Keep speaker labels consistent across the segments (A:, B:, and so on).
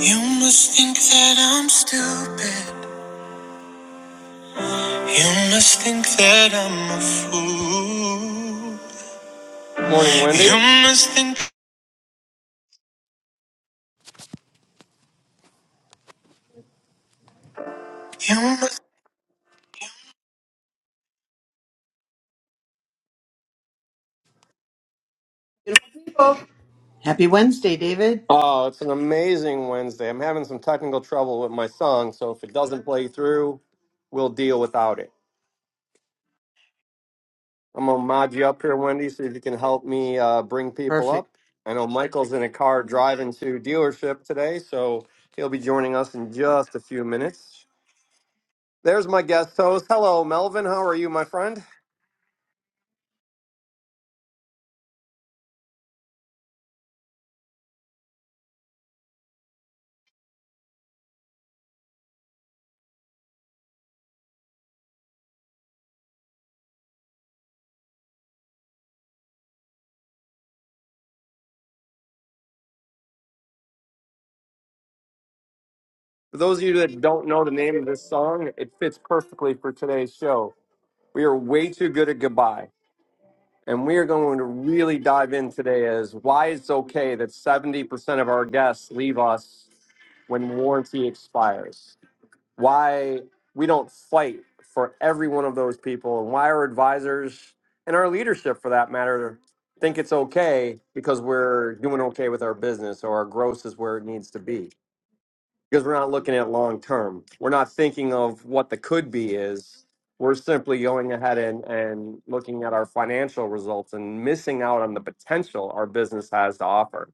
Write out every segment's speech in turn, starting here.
A: You must think that I'm stupid. You must think that I'm a fool. Morning, Wendy. You must think you must.
B: Happy Wednesday, David.
A: Oh, it's an amazing Wednesday. I'm having some technical trouble with my song, so if it doesn't play through, we'll deal without it. I'm gonna mod you up here, Wendy, so if you can help me uh, bring people
B: Perfect.
A: up. I know Michael's in a car driving to dealership today, so he'll be joining us in just a few minutes. There's my guest host. Hello, Melvin. How are you, my friend? For those of you that don't know the name of this song, it fits perfectly for today's show. We are way too good at goodbye. And we are going to really dive in today as why it's okay that 70% of our guests leave us when warranty expires. Why we don't fight for every one of those people and why our advisors and our leadership for that matter think it's okay because we're doing okay with our business or our gross is where it needs to be because we're not looking at long term. We're not thinking of what the could be is. We're simply going ahead and, and looking at our financial results and missing out on the potential our business has to offer.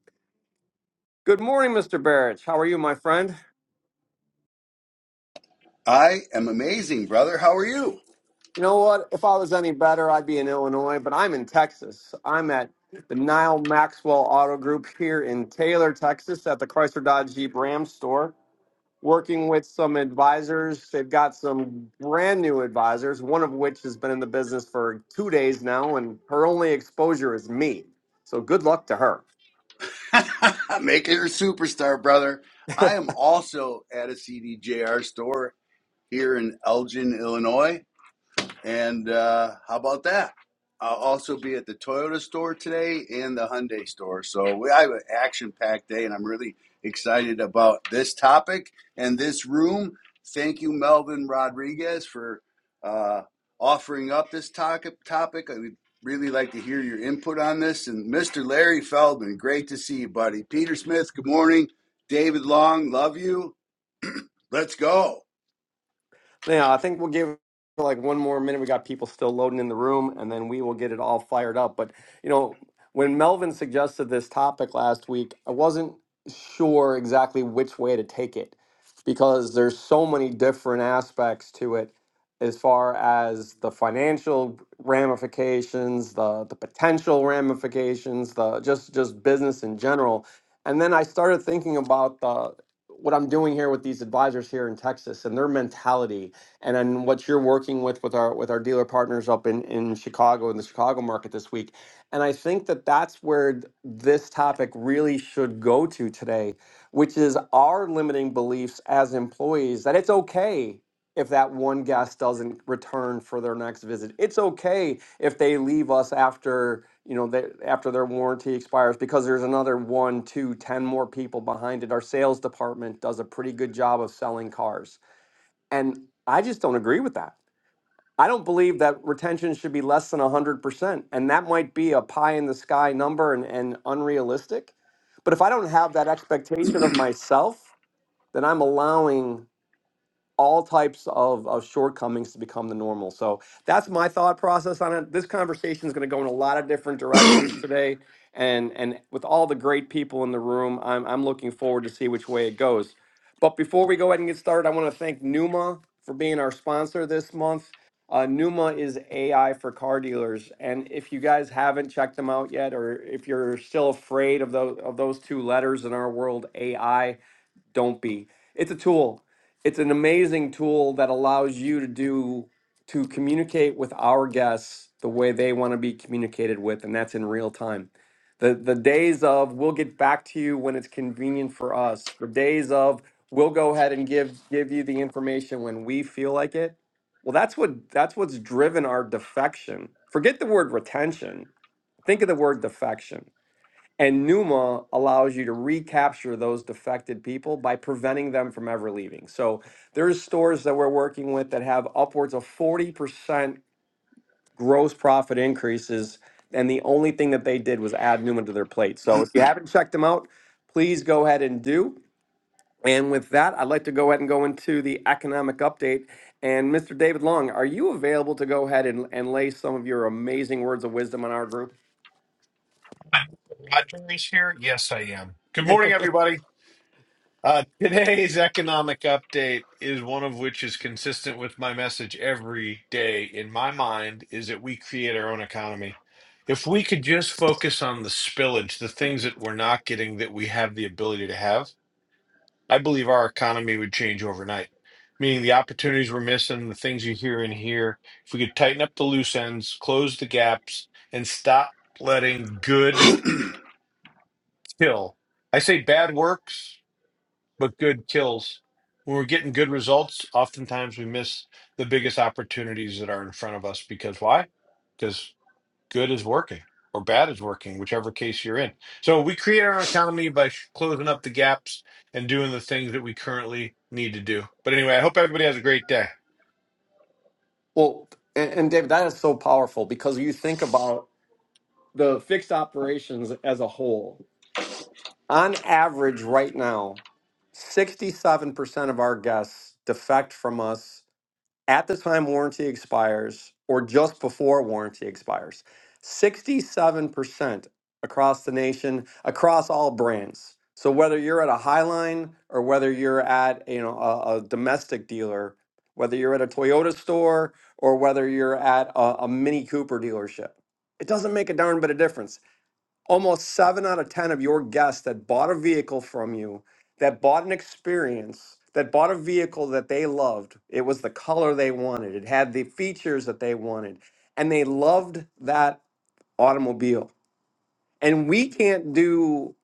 A: Good morning, Mr. Barrich. How are you, my friend?
C: I am amazing, brother. How are you?
A: You know what? If I was any better, I'd be in Illinois, but I'm in Texas. I'm at the Nile Maxwell Auto Group here in Taylor, Texas, at the Chrysler Dodge Jeep Ram store working with some advisors. They've got some brand new advisors, one of which has been in the business for two days now, and her only exposure is me. So good luck to her.
C: Make it a superstar, brother. I am also at a CDJR store here in Elgin, Illinois. And uh, how about that? I'll also be at the Toyota store today and the Hyundai store. So we I have an action-packed day, and I'm really excited about this topic and this room. Thank you, Melvin Rodriguez, for uh, offering up this topic. Topic. I would really like to hear your input on this. And Mr. Larry Feldman, great to see you, buddy. Peter Smith, good morning. David Long, love you. Let's go.
A: Now, I think we'll give like one more minute. We got people still loading in the room, and then we will get it all fired up. But you know, when Melvin suggested this topic last week, I wasn't sure exactly which way to take it because there's so many different aspects to it as far as the financial ramifications, the the potential ramifications, the just just business in general. And then I started thinking about the what I'm doing here with these advisors here in Texas and their mentality and then what you're working with with our with our dealer partners up in in Chicago in the Chicago market this week. And I think that that's where th- this topic really should go to today, which is our limiting beliefs as employees that it's okay if that one guest doesn't return for their next visit. It's okay if they leave us after you know they, after their warranty expires because there's another one two ten more people behind it our sales department does a pretty good job of selling cars and I just don't agree with that. I don't believe that retention should be less than 100%. And that might be a pie in the sky number and, and unrealistic. But if I don't have that expectation of myself, then I'm allowing all types of, of shortcomings to become the normal. So that's my thought process on it. This conversation is going to go in a lot of different directions today. And, and with all the great people in the room, I'm, I'm looking forward to see which way it goes. But before we go ahead and get started, I want to thank Numa for being our sponsor this month. Uh, Numa is AI for car dealers, and if you guys haven't checked them out yet, or if you're still afraid of those of those two letters in our world, AI, don't be. It's a tool. It's an amazing tool that allows you to do to communicate with our guests the way they want to be communicated with, and that's in real time. The the days of we'll get back to you when it's convenient for us. The days of we'll go ahead and give give you the information when we feel like it. Well, that's what that's what's driven our defection. Forget the word retention. Think of the word defection and Numa allows you to recapture those defected people by preventing them from ever leaving. So there's stores that we're working with that have upwards of 40% gross profit increases. And the only thing that they did was add Numa to their plate. So if you haven't checked them out, please go ahead and do. And with that, I'd like to go ahead and go into the economic update. And Mr. David Long, are you available to go ahead and, and lay some of your amazing words of wisdom on our group?
D: Rogers here. Yes, I am. Good morning, everybody. Uh, today's economic update is one of which is consistent with my message every day in my mind is that we create our own economy. If we could just focus on the spillage, the things that we're not getting that we have the ability to have, I believe our economy would change overnight. Meaning the opportunities we're missing, the things you hear and hear. If we could tighten up the loose ends, close the gaps, and stop letting good kill. I say bad works, but good kills. When we're getting good results, oftentimes we miss the biggest opportunities that are in front of us because why? Because good is working or bad is working, whichever case you're in. So we create our economy by sh- closing up the gaps and doing the things that we currently need to do. But anyway, I hope everybody has a great day.
A: Well, and, and David, that is so powerful because you think about the fixed operations as a whole. On average, right now, 67% of our guests defect from us at the time warranty expires or just before warranty expires. 67% across the nation, across all brands. So whether you're at a Highline or whether you're at you know a, a domestic dealer, whether you're at a Toyota store or whether you're at a, a Mini Cooper dealership, it doesn't make a darn bit of difference almost seven out of 10 of your guests that bought a vehicle from you, that bought an experience, that bought a vehicle that they loved, it was the color they wanted, it had the features that they wanted, and they loved that automobile. And we can't do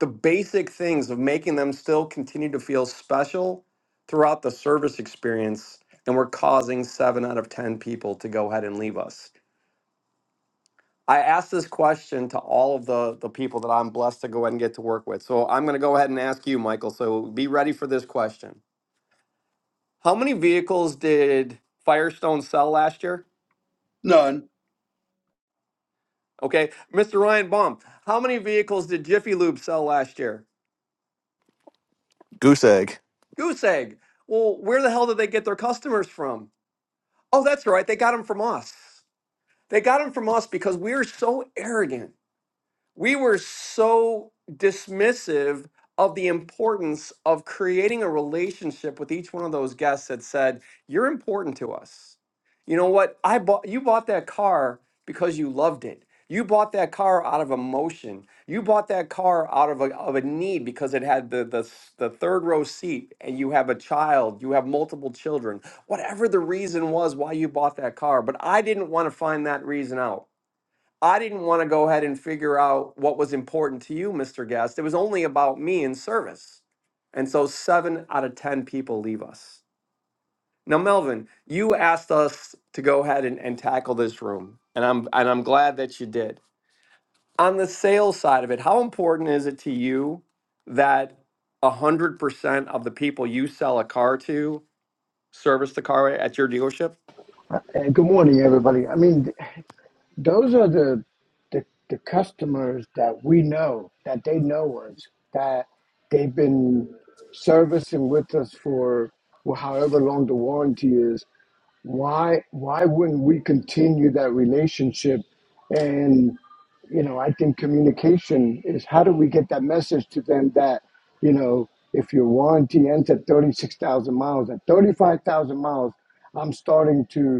A: the basic things of making them still continue to feel special throughout the service experience. And we're causing seven out of 10 people to go ahead and leave us. I asked this question to all of the, the people that I'm blessed to go ahead and get to work with. So I'm going to go ahead and ask you, Michael. So be ready for this question. How many vehicles did Firestone sell last year?
C: None.
A: Okay. Mr. Ryan Baum, how many vehicles did Jiffy Lube sell last year?
E: Goose egg.
A: Goose egg. Well, where the hell did they get their customers from? Oh, that's right. They got them from us. They got them from us because we're so arrogant we were so dismissive of the importance of creating a relationship with each one of those guests that said, "You're important to us." You know what? I bought you bought that car because you loved it. You bought that car out of emotion. You bought that car out of a, of a need because it had the, the s- the third row seat and you have a child, you have multiple children. Whatever the reason was why you bought that car, but I didn't want to find that reason out. I didn't want to go ahead and figure out what was important to you, Mr. Guest. It was only about me and service. And so seven out of 10 people leave us. Now, Melvin, you asked us to go ahead and, and tackle this room, and I'm, and I'm glad that you did. On the sales side of it, how important is it to you that 100% of the people you sell a car to service the car at your dealership?
F: And good morning, everybody. I mean, th- those are the, the the customers that we know, that they know us, that they've been servicing with us for well, however long the warranty is. Why why wouldn't we continue that relationship? And you know, I think communication is how do we get that message to them that you know if your warranty ends at thirty six thousand miles, at thirty five thousand miles, I'm starting to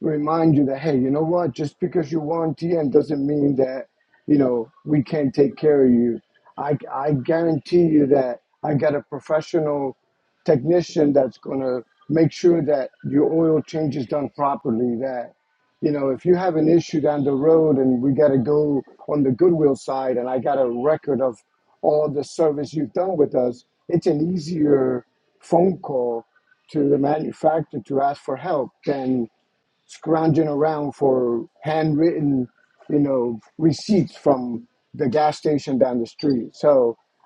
F: remind you that hey, you know what? Just because you're on TN doesn't mean that you know we can't take care of you. I I guarantee you that I got a professional technician that's gonna make sure that your oil change is done properly. That you know if you have an issue down the road and we gotta go on the goodwill side, and I got a record of all the service you've done with us, it's an easier phone call to the manufacturer to ask for help than scrounging around for handwritten, you know, receipts from the gas station down the street. So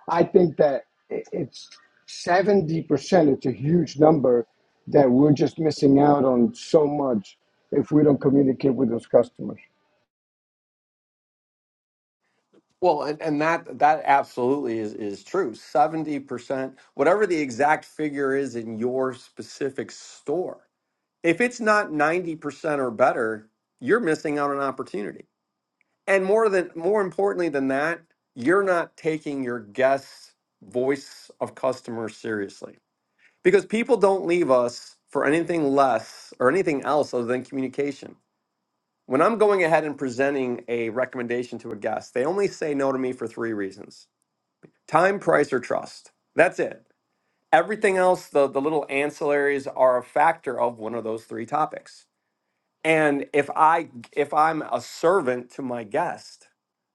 F: I think that i- it's 70%, it's a huge number that we're just missing out on so much if we don't communicate with those customers.
A: Well, and, and that that absolutely is is true. Seventy percent, whatever the exact figure is in your specific store, if it's not ninety percent or better, you're missing out on an opportunity. And more than more importantly than that, you're not taking your guests' voice of customer seriously because people don't leave us for anything less or anything else other than communication. When I'm going ahead and presenting a recommendation to a guest, they only say no to me for three reasons time, price, or trust. That's it. Everything else, the, the little ancillaries are a factor of one of those three topics. And if I if I'm a servant to my guest,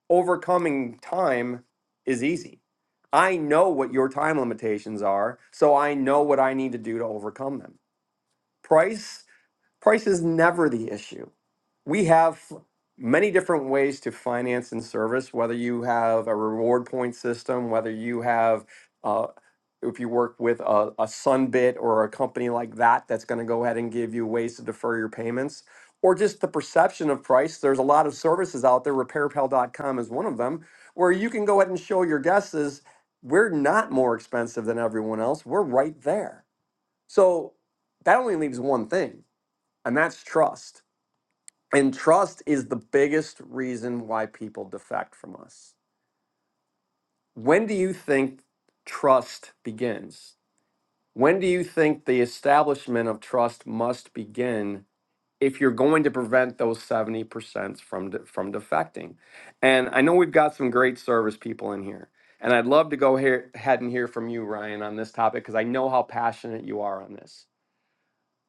A: overcoming time is easy. I know what your time limitations are, so I know what I need to do to overcome them. Price, price is never the issue we have many different ways to finance and service whether you have a reward point system whether you have uh, if you work with a, a sunbit or a company like that that's going to go ahead and give you ways to defer your payments or just the perception of price there's a lot of services out there repairpal.com is one of them where you can go ahead and show your guests is we're not more expensive than everyone else we're right there so that only leaves one thing and that's trust and trust is the biggest reason why people defect from us. When do you think trust begins? When do you think the establishment of trust must begin if you're going to prevent those 70% from, de- from defecting? And I know we've got some great service people in here. And I'd love to go here, ahead and hear from you, Ryan, on this topic because I know how passionate you are on this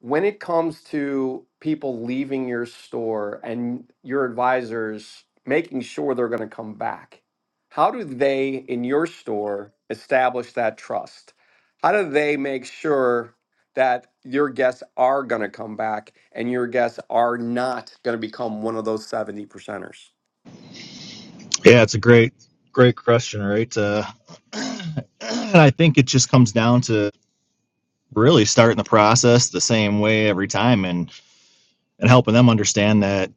A: when it comes to people leaving your store and your advisors making sure they're going to come back, how do they in your store establish that trust? How do they make sure that your guests are going to come back and your guests are not going to become one of those 70 percenters?
E: Yeah, it's a great, great question, right? Uh, and I think it just comes down to really starting the process the same way every time, and and helping them understand that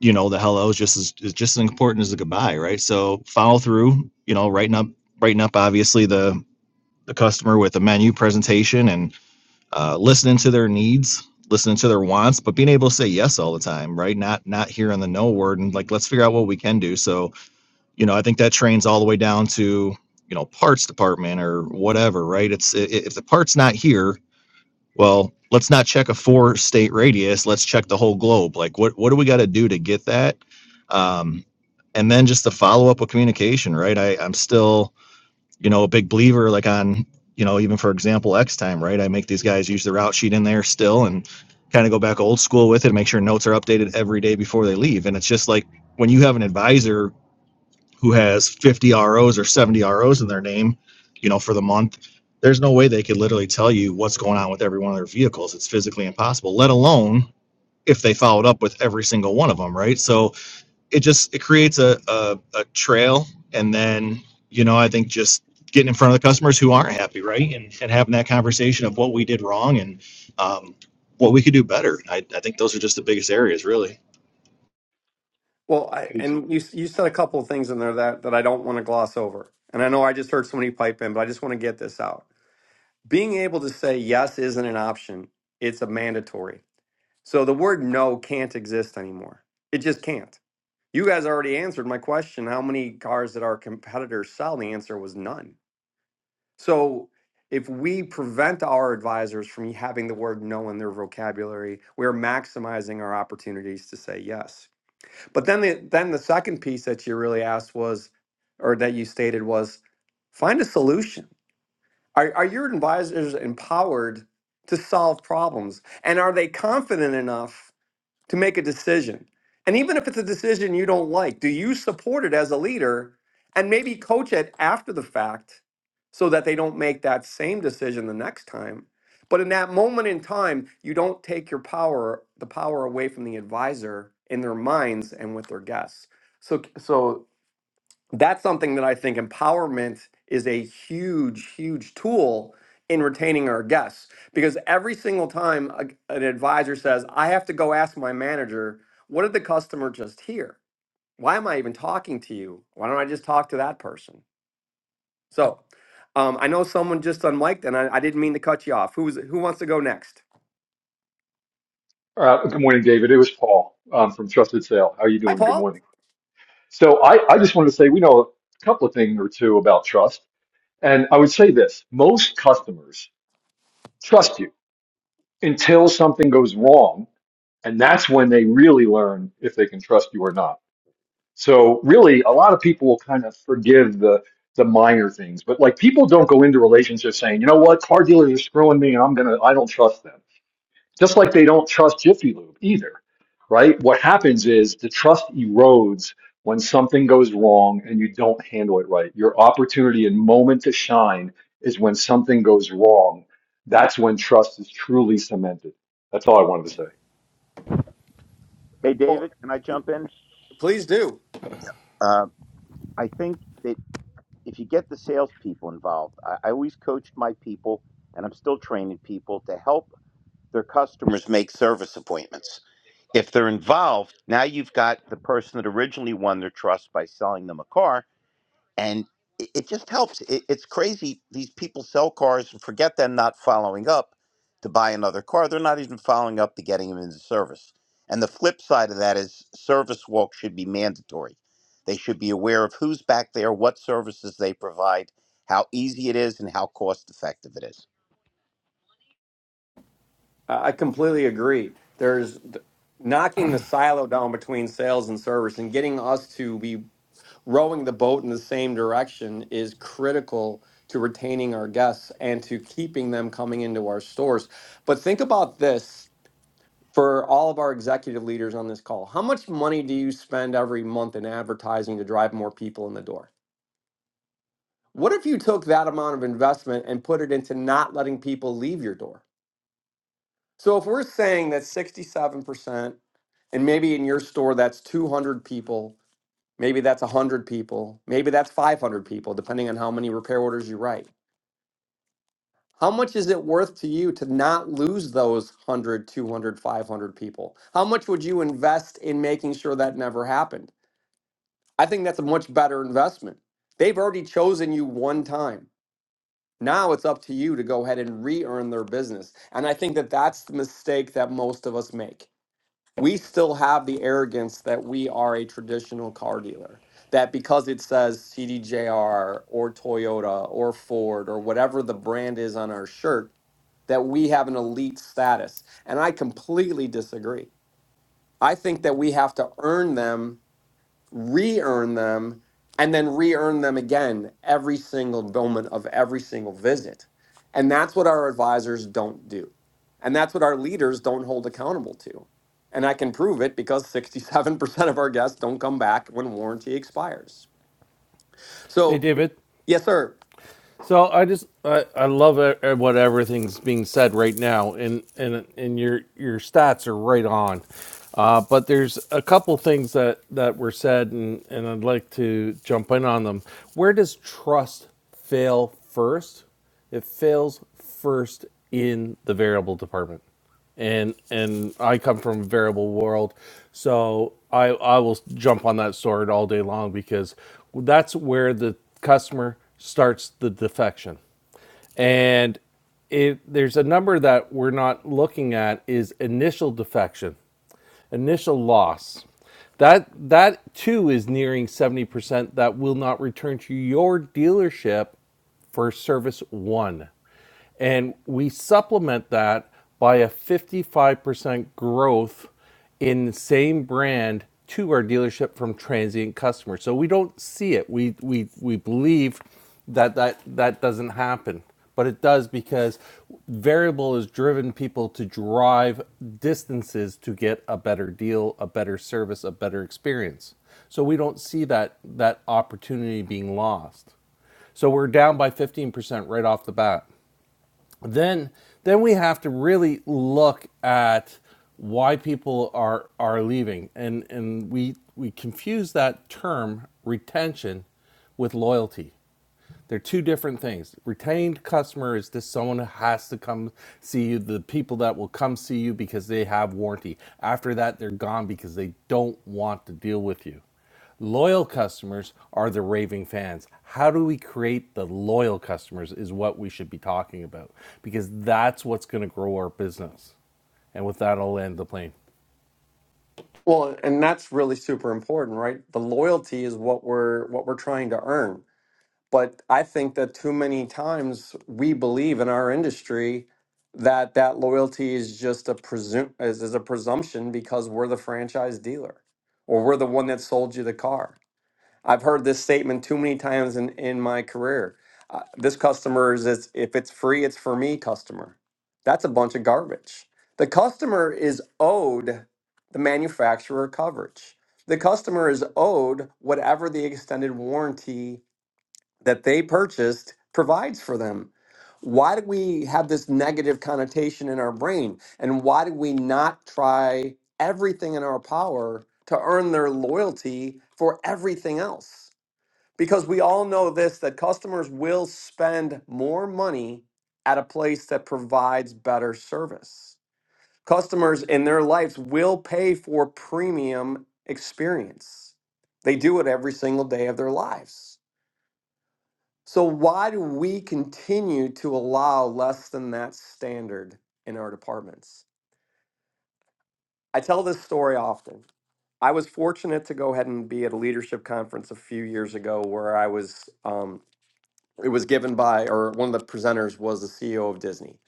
E: you know the hello is just as is just as important as the goodbye, right? So follow through, you know, writing up, writing up, obviously the the customer with a menu presentation and uh, listening to their needs listening to their wants but being able to say yes all the time right not not hearing the no word and like let's figure out what we can do so you know i think that trains all the way down to you know parts department or whatever right it's if the part's not here well let's not check a four state radius let's check the whole globe like what what do we got to do to get that um and then just the follow up with communication right i i'm still you know a big believer like on you know even for example x time right i make these guys use the route sheet in there still and kind of go back old school with it make sure notes are updated every day before they leave and it's just like when you have an advisor who has 50 ROs or 70 ROs in their name, you know, for the month, there's no way they could literally tell you what's going on with every one of their vehicles. It's physically impossible, let alone if they followed up with every single one of them, right? So it just it creates a a, a trail and then, you know, I think just getting in front of the customers who aren't happy, right? And and having that conversation of what we did wrong and um what we could do better. I, I think those are just the biggest areas really.
A: Well, I,
G: Hey,
A: and you, you said a couple of things in there that, that I don't want to gloss over. And I know I just heard somebody pipe in, but I just want to get this out being able to say yes isn't an option, it's a mandatory. So the word no can't exist anymore. It just can't. You guys already answered my question how many cars did our competitors sell? The answer was none. So if we prevent our advisors from having the word no in their vocabulary, we're maximizing our opportunities to say yes. But then the, then the second piece that you really asked was, or that you stated was, find a solution are, are your advisors empowered to solve problems? And are they confident enough to make a decision? And even if it's a decision you don't like, do you support it as a leader and maybe coach it after the fact so that they don't make that same decision the next time? But in that moment in time, you don't take your power, the power away from the advisor in their minds and with their guests. So, so that's something that I think empowerment is a huge, huge tool in retaining our guests. Because every single time a- an advisor says, I have to go ask my manager, what did the customer just hear? Why am I even talking to you? Why don't I just talk to that person? So um, I know someone just unmiked and I, I didn't mean to cut you off. Who's who wants to go next?
G: uh, good morning, David. It was Paul um, from Trusted Sale. How you
A: Hi,
G: doing? Good
A: Paul.
G: morning. So I, I just wanted to say we know a couple of things or two about trust, and I would say this: most customers trust you until something goes wrong, and that's when they really learn if they can trust you or not. So really, a lot of people will kind of forgive the the minor things, but like people don't go into relationships saying, you know what, car dealers are screwing me, and I'm gonna I don't trust them Just like they don't trust Jiffy Lube either, right? What happens is the trust erodes when something goes wrong and you don't handle it right. Your opportunity and moment to shine is when something goes wrong. That's when trust is truly cemented. That's all I wanted to say.
H: Hey,
A: Well,
H: David, can I
A: you-
H: jump in?
A: please do.
H: Uh, I think that if you get the salespeople involved, I, I always coached my people, and I'm still training people to help their customers make service appointments. If they're involved, now you've got the person that originally won their trust by selling them a car and it, it just helps. It, it's crazy. These people sell cars and forget them not following up to buy another car. They're not even following up to getting them into service. And the flip side of that is service walk should be mandatory. They should be aware of who's back there, what services they provide, how easy it is, and how cost effective it is.
A: I I completely agree. There's th- knocking the silo down between sales and service and getting us to be rowing the boat in the same direction is critical to retaining our guests and to keeping them coming into our stores. But think about this for all of our executive leaders on this call. How much money do you spend every month in advertising to drive more people in the door? What if you took that amount of investment and put it into not letting people leave your door? So if we're saying that 67%, and maybe in your store that's 200 people, maybe that's 100 people, maybe that's 500 people, depending on how many repair orders you write. How much is it worth to you to not lose those 100, 200, 500 people? How much would you invest in making sure that never happened? I think that's a much better investment. They've already chosen you one time. Now it's up to you to go ahead and re earn their business. And I think that that's the mistake that most of us make we still have the arrogance that we are a traditional car dealer. That because it says CDJR or Toyota or Ford or whatever the brand is on our shirt, that we have an elite status. And I completely disagree. I think that we have to earn them re-earn them and then re-earn them again every single moment of every single visit and that's what our advisors don't do and that's what our leaders don't hold accountable to and i can prove it because 67% of our guests don't come back when warranty expires
I: Hey,
A: so
I: David.
A: yes sir
I: So I just I, I love e- e- what everything's being said right now, and and and your your stats are right on. Uh, but there's a couple things that that were said, and and I'd like to jump in on them. Where does trust fail first? It fails first in the variable department and and I come from a variable world, so I I will jump on that sword all day long because that's where the customer starts the defection, and it there's a number that we're not looking at is initial defection, initial loss. That that too is nearing seventy percent. That will not return to your dealership for service one and we supplement that by a 55% growth in the same brand to our dealership from transient customers. So we don't see it. We we we believe that that that doesn't happen, but it does because variable has driven people to drive distances to get a better deal, a better service, a better experience. So we don't see that that opportunity being lost. So we're down by 15% right off the bat then then we have to really look at why people are are leaving and and we we confuse that term retention with loyalty they're two different things. Retained customer is just someone who has to come see you, the people that will come see you because they have warranty. After that, they're gone because they don't want to deal with you. Loyal customers are the raving fans. How do we create the loyal customers is what we should be talking about because that's what's going to grow our business. And with that, I'll end the plane.
A: well and that's really super important right the loyalty is what we're what we're trying to earn But I think that too many times we believe in our industry that that loyalty is just a presume is, is a presumption because we're the franchise dealer or we're the one that sold you the car. I've heard this statement too many times in, in my career. Uh, this customer is is- if it's free, it's for me customer. That's a bunch of garbage. The customer is owed the manufacturer coverage. The customer is owed whatever the extended warranty that they purchased provides for them. Why do we have this negative connotation in our brain? And why do we not try everything in our power to earn their loyalty for everything else? Because we all know this that customers will spend more money at a place that provides better service. Customers in their lives will pay for premium experience. They do it every single day of their lives. So why do we continue to allow less than that standard in our departments? I tell this story often. I was fortunate to go ahead and be at a leadership conference a few years ago where I was, um, it was given by, or one of the presenters was the CEO of Disney.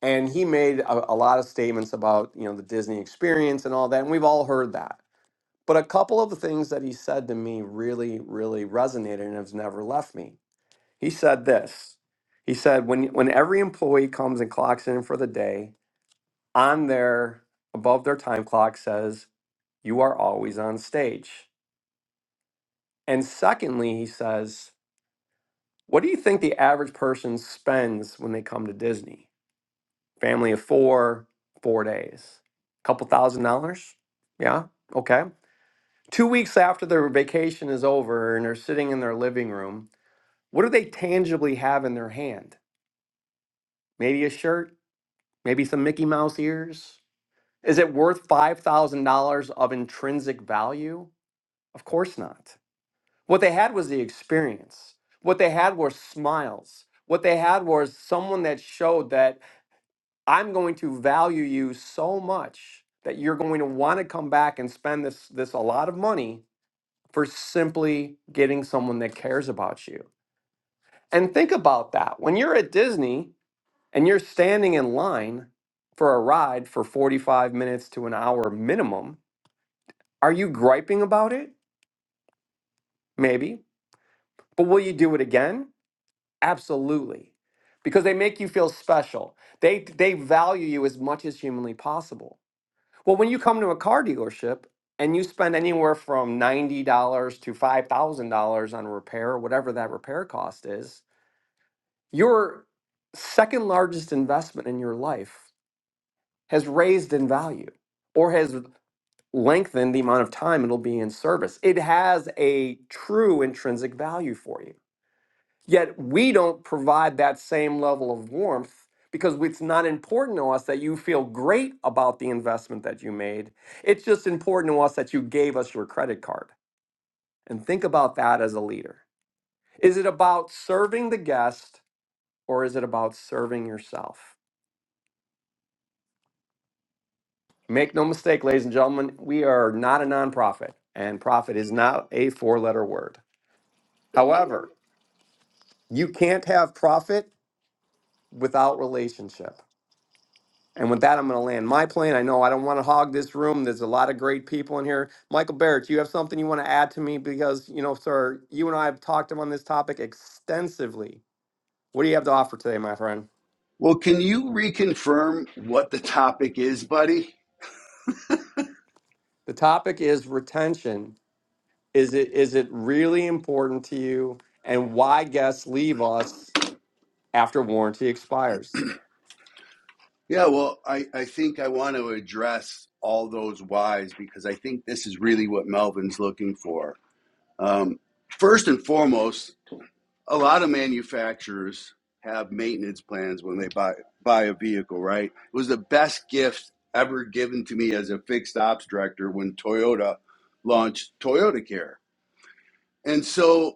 A: And he made a, a lot of statements about, you know, the Disney experience and all that. And we've all heard that. But a couple of the things that he said to me really, really resonated and has never left me He said this. He said, when, when every employee comes and clocks in for the day, on their, above their time clock says, you are always on stage. And secondly, he says, what do you think the average person spends when they come to Disney? Family of four, four days, couple thousand dollars? Yeah, okay. Two weeks after their vacation is over and they're sitting in their living room, what do they tangibly have in their hand? Maybe a shirt, maybe some Mickey Mouse ears. Is it worth $5,000 of intrinsic value? Of course not. What they had was the experience. What they had were smiles. What they had was someone that showed that I'm going to value you so much that you're going to want to come back and spend this this a lot of money for simply getting someone that cares about you. And think about that. When you're at Disney, and you're standing in line for a ride for 45 minutes to an hour minimum, are you griping about it? Maybe. But will you do it again? Absolutely. Because they make you feel special. They they value you as much as humanly possible. Well, when you come to a car dealership and you spend anywhere from $90 to $5,000 on repair, whatever that repair cost is, your second largest investment in your life has raised in value or has lengthen the amount of time it'll be in service. It has a true intrinsic value for you. Yet we don't provide that same level of warmth because it's not important to us that you feel great about the investment that you made. It's just important to us that you gave us your credit card. And think about that as a leader. Is it about serving the guest or is it about serving yourself? Make no mistake, ladies and gentlemen, we are not a nonprofit, and profit is not a four letter word.
J: Hey,
A: However, You can't have profit without relationship. And with that, I'm going to land my plane. I know I don't want to hog this room. There's a lot of great people in here. Michael Barrett, do you have something you want to add to me? Because, you know, sir, you and I have talked on this topic extensively. What do you have to offer today, my friend?
C: Well, can you reconfirm what the topic is, buddy?
A: The topic is retention. Is it is it really important to you? And why guests leave us after warranty expires?
C: Yeah, well, I, I think I want to address all those whys because I think this is really what Melvin's looking for. Um, first and foremost, a lot of manufacturers have maintenance plans when they buy buy a vehicle, right? It was the best gift ever given to me as a fixed ops director when Toyota launched Toyota Care. And so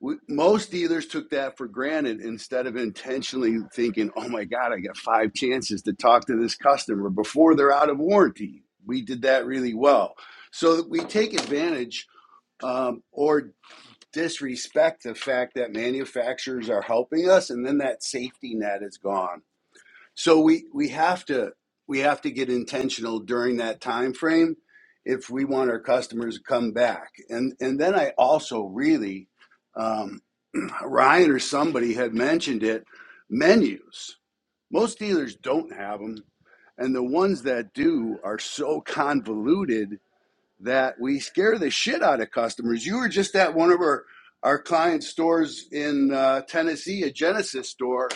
C: we, most dealers took that for granted instead of intentionally thinking, oh my God, I got five chances to talk to this customer before they're out of warranty. We did that really well. So we take advantage um, or disrespect the fact that manufacturers are helping us and then that safety net is gone. So we, we have to we have to get intentional during that time frame if we want our customers to come back. And and then I also really um, Ryan or somebody had mentioned it menus. Most dealers don't have them, and the ones that do are so convoluted that we scare the shit out of customers. You were just at one of our our client stores in uh, Tennessee, a Genesis store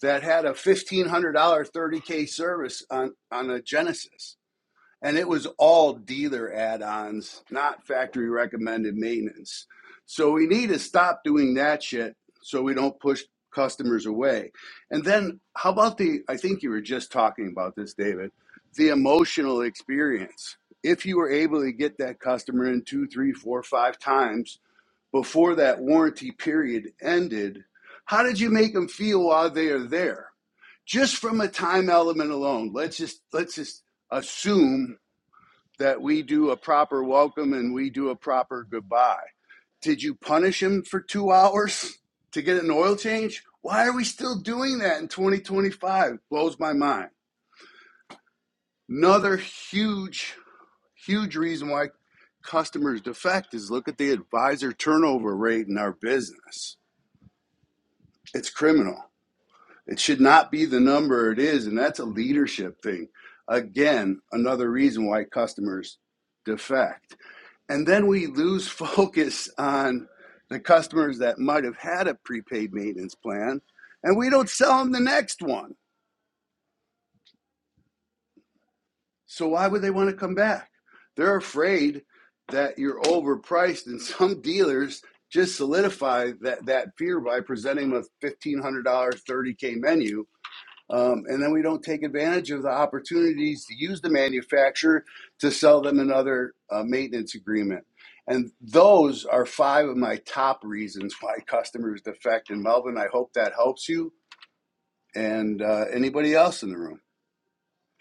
C: that had a fifteen hundred dollar thirty k service on on a Genesis and it was all dealer add-ons, not factory recommended maintenance. So we need to stop doing that shit so we don't push customers away. And then how about the I think you were just talking about this David, the emotional experience. If you were able to get that customer in two, three, four, five times before that warranty period ended, how did you make them feel while they are there? Just from a time element alone, let's just let's just assume that we do a proper welcome and we do a proper goodbye. Did you punish him for two hours to get an oil change? Why are we still doing that in 2025? Blows my mind. Another huge, huge reason why customers defect is look at the advisor turnover rate in our business. It's criminal. It should not be the number it is, and that's a leadership thing. Again, another reason why customers defect. And then we lose focus on the customers that might have had a prepaid maintenance plan, and we don't sell them the next one. So why would they want to come back? They're afraid that you're overpriced, and some dealers just solidify that, that fear by presenting them a $1,500 30K menu Um, and then we don't take advantage of the opportunities to use the manufacturer to sell them another uh, maintenance agreement. And those are five of my top reasons why customers defect. And Melvin, I hope that helps you and uh, anybody else in the room.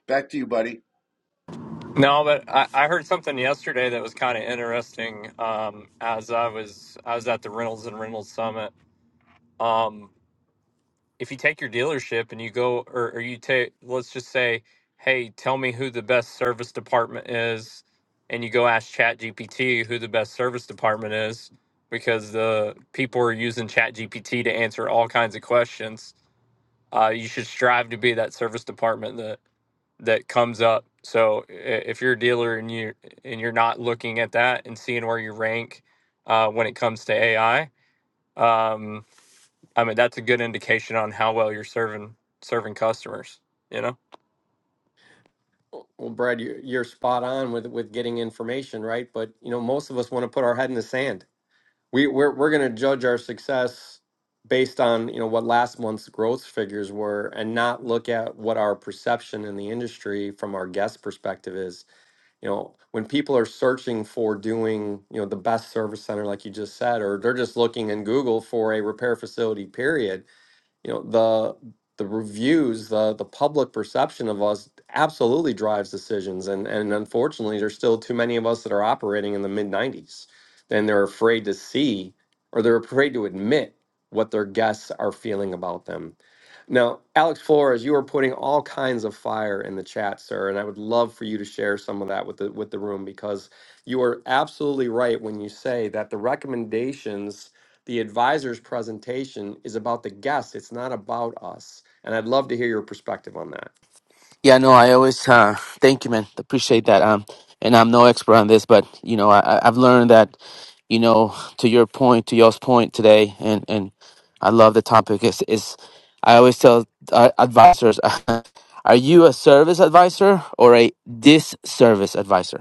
C: Back to you, buddy.
K: No, but I, I heard something yesterday that was kind of interesting. Um, as I was I was at the Reynolds and Reynolds Summit. Um, if you take your dealership and you go, or, or you take, let's just say, hey, tell me who the best service department is, and you go ask ChatGPT who the best service department is, because the people are using ChatGPT to answer all kinds of questions. Uh, you should strive to be that service department that that comes up. So i- if you're a dealer and you and you're not looking at that and seeing where you rank uh, when it comes to AI, um, I mean that's a good indication on how well you're serving serving customers. You know.
A: Well, Brad, you- you're spot on with with getting information, right? But you know, most of us want to put our head in the sand. We we're we're going to judge our success based on, you know, what last month's growth figures were and not look at what our perception in the industry from our guest perspective is. You know, when people are searching for doing, you know, the best service center like you just said or they're just looking in Google for a repair facility period, you know the the reviews the the public perception of us absolutely drives decisions and and unfortunately there's still too many of us that are operating in the mid 90s and they're afraid to see or they're afraid to admit what their guests are feeling about them now, Alex Flores, you are putting all kinds of fire in the chat, sir, and I would love for you to share some of that with the with the room because you are absolutely right when you say that the recommendations, the advisor's presentation is about the guest, it's not about us. And I'd love to hear your perspective on that.
L: Yeah, no, I always uh, thank you, man. Appreciate that. Um, and I'm no expert on this, but you know, I, I- I've learned that, you know, to your point, to y'all's point today, and and I love the topic. Is is I always tell uh, advisors, are you a service advisor or a disservice advisor?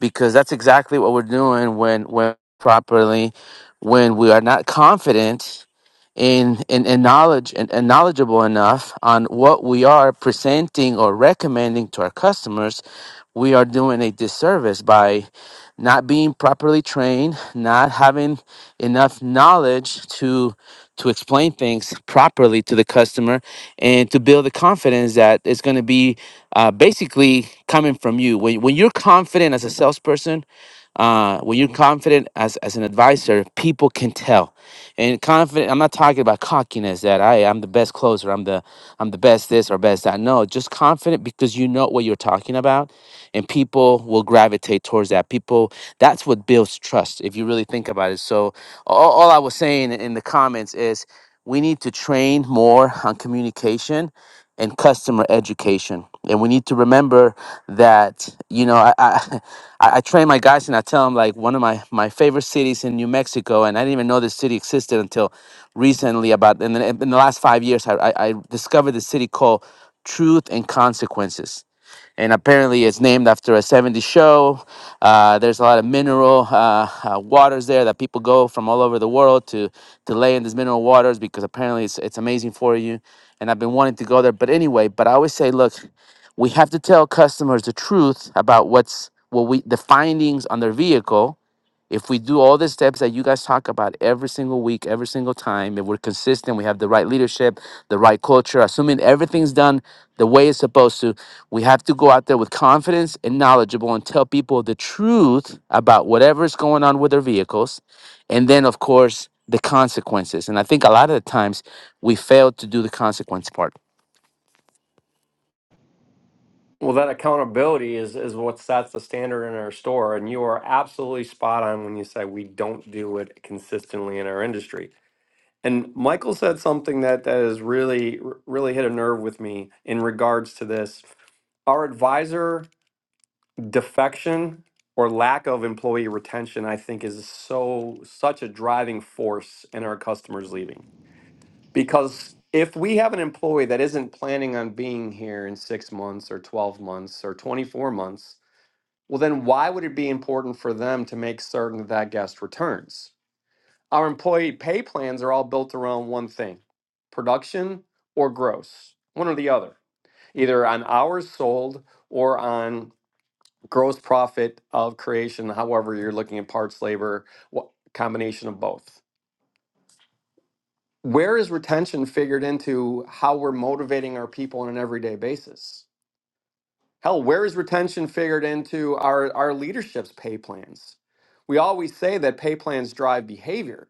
L: because that's exactly what we're doing when when properly when we are not confident in in, in knowledge and, and knowledgeable enough on what we are presenting or recommending to our customers we are doing a disservice by not being properly trained not having enough knowledge to to explain things properly to the customer and to build the confidence that it's going to be uh, basically coming from you. When, when you're confident as a salesperson, uh, when you're confident as, as an advisor, people can tell. And confident, I'm not talking about cockiness that I I'm the best closer, I'm the I'm the best this or best that. No, just confident because you know what you're talking about, and people will gravitate towards that. People, that's what builds trust if you really think about it. So all, all I was saying in the comments is we need to train more on communication and customer education. And we need to remember that, you know, I, I, I I train my guys and I tell them like one of my, my favorite cities in New Mexico, and I didn't even know this city existed until recently about, and then in the last five years, I, I, I discovered the city called Truth and Consequences and apparently it's named after a 70 show. Uh, there's a lot of mineral uh, uh, waters there that people go from all over the world to to lay in these mineral waters because apparently it's it's amazing for you. And I've been wanting to go there, but anyway, but I always say, look, we have to tell customers the truth about what's what we the findings on their vehicle. If we do all the steps that you guys talk about every single week, every single time, if we're consistent, we have the right leadership, the right culture, assuming everything's done the way it's supposed to, we have to go out there with confidence and knowledgeable and tell people the truth about whatever's going on with their vehicles. And then, of course, the consequences. And I think a lot of the times we fail to do the consequence part.
A: Well, that accountability is is what sets the standard in our store, and you are absolutely spot on when you say we don't do it consistently in our industry And Michael said something that that has really really hit a nerve with me in regards to this. Our advisor defection or lack of employee retention, I think, is so such a driving force in our customers leaving. Because if we have an employee that isn't planning on being here in six months or 12 months or 24 months, well, then why would it be important for them to make certain that that guest returns? Our employee pay plans are all built around one thing production or gross, one or the other, either on hours sold or on gross profit of creation, however, you're looking at parts, labor, what combination of both. Where is retention figured into how we're motivating our people on an everyday basis? Hell, where is retention figured into our, our leadership's pay plans? We always say that pay plans drive behavior,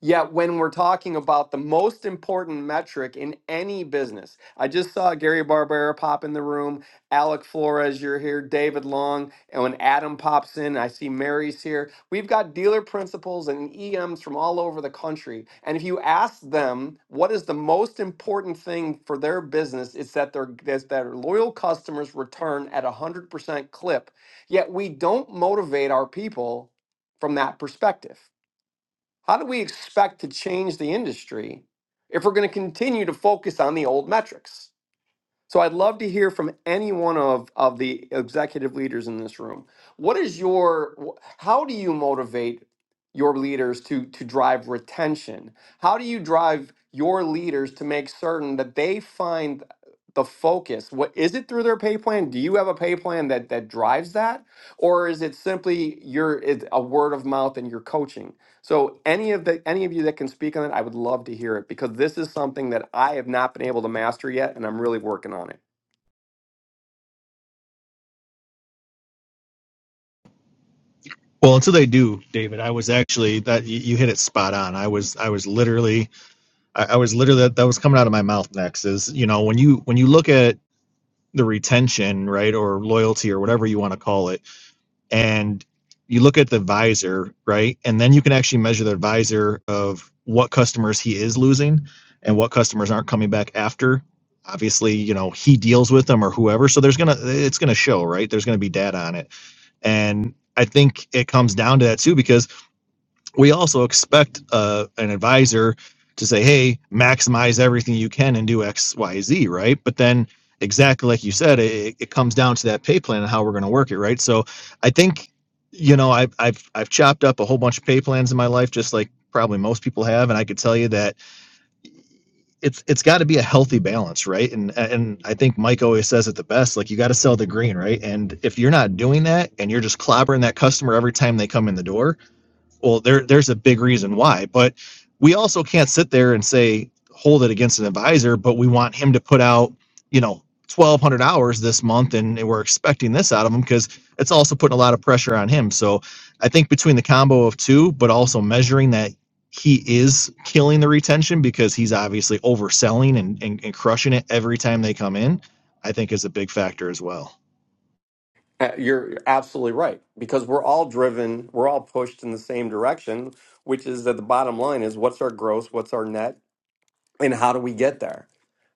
A: Yet, when we're talking about the most important metric in any business, I just saw Gary Barbera pop in the room, Alec Flores, you're here, David Long, and when Adam pops in, I see Mary's here. We've got dealer principals and EMs from all over the country. And if you ask them what is the most important thing for their business, it's that their, that their loyal customers return at a 100% clip. Yet, we don't motivate our people from that perspective. How do we expect to change the industry if we're going to continue to focus on the old metrics? So I'd love to hear from any one of, of the executive leaders in this room. What is your wh- how do you motivate your leaders to to drive retention? How do you drive your leaders to make certain that they find the focus? What is it through their pay plan? Do you have a pay plan that that drives that? Or is it simply your it's a word of mouth and your coaching? So any of the any of you that can speak on it, I would love to hear it because this is something that I have not been able to master yet, and I'm really working on it.
E: Well, until they do, David, I was actually that you, you hit it spot on. I was I was literally I, I was literally that, that was coming out of my mouth next is you know when you when you look at the retention right or loyalty or whatever you want to call it and you look at the visor right and then you can actually measure the visor of what customers he is losing and what customers aren't coming back after obviously you know he deals with them or whoever so there's gonna it's gonna show right there's gonna be data on it and i think it comes down to that too because we also expect uh, an advisor to say, hey, maximize everything you can and do X, Y, Z, right? But then, exactly like you said, it, it comes down to that pay plan and how we're going to work it, right? So I think, you know, I've, I've, I've chopped up a whole bunch of pay plans in my life, just like probably most people have. And I could tell you that it's, it's got to be a healthy balance, right? And, and I think Mike always says it the best, like you got to sell the green, right? And if you're not doing that and you're just clobbering that customer every time they come in the door, well, there there's a big reason why, but we also can't sit there and say hold it against an advisor, but we want him to put out, you know, 1200 hours this month and we're expecting this out of him because it's also putting a lot of pressure on him. So, I think between the combo of two, but also measuring that he is killing the retention because he's obviously overselling and, and, and crushing it every time they come in, I think is a big factor as well.
A: Uh, You're you're absolutely right because we're all driven, we're all pushed in the same direction, which is that the bottom line is what's our gross, what's our net, and how do we get there?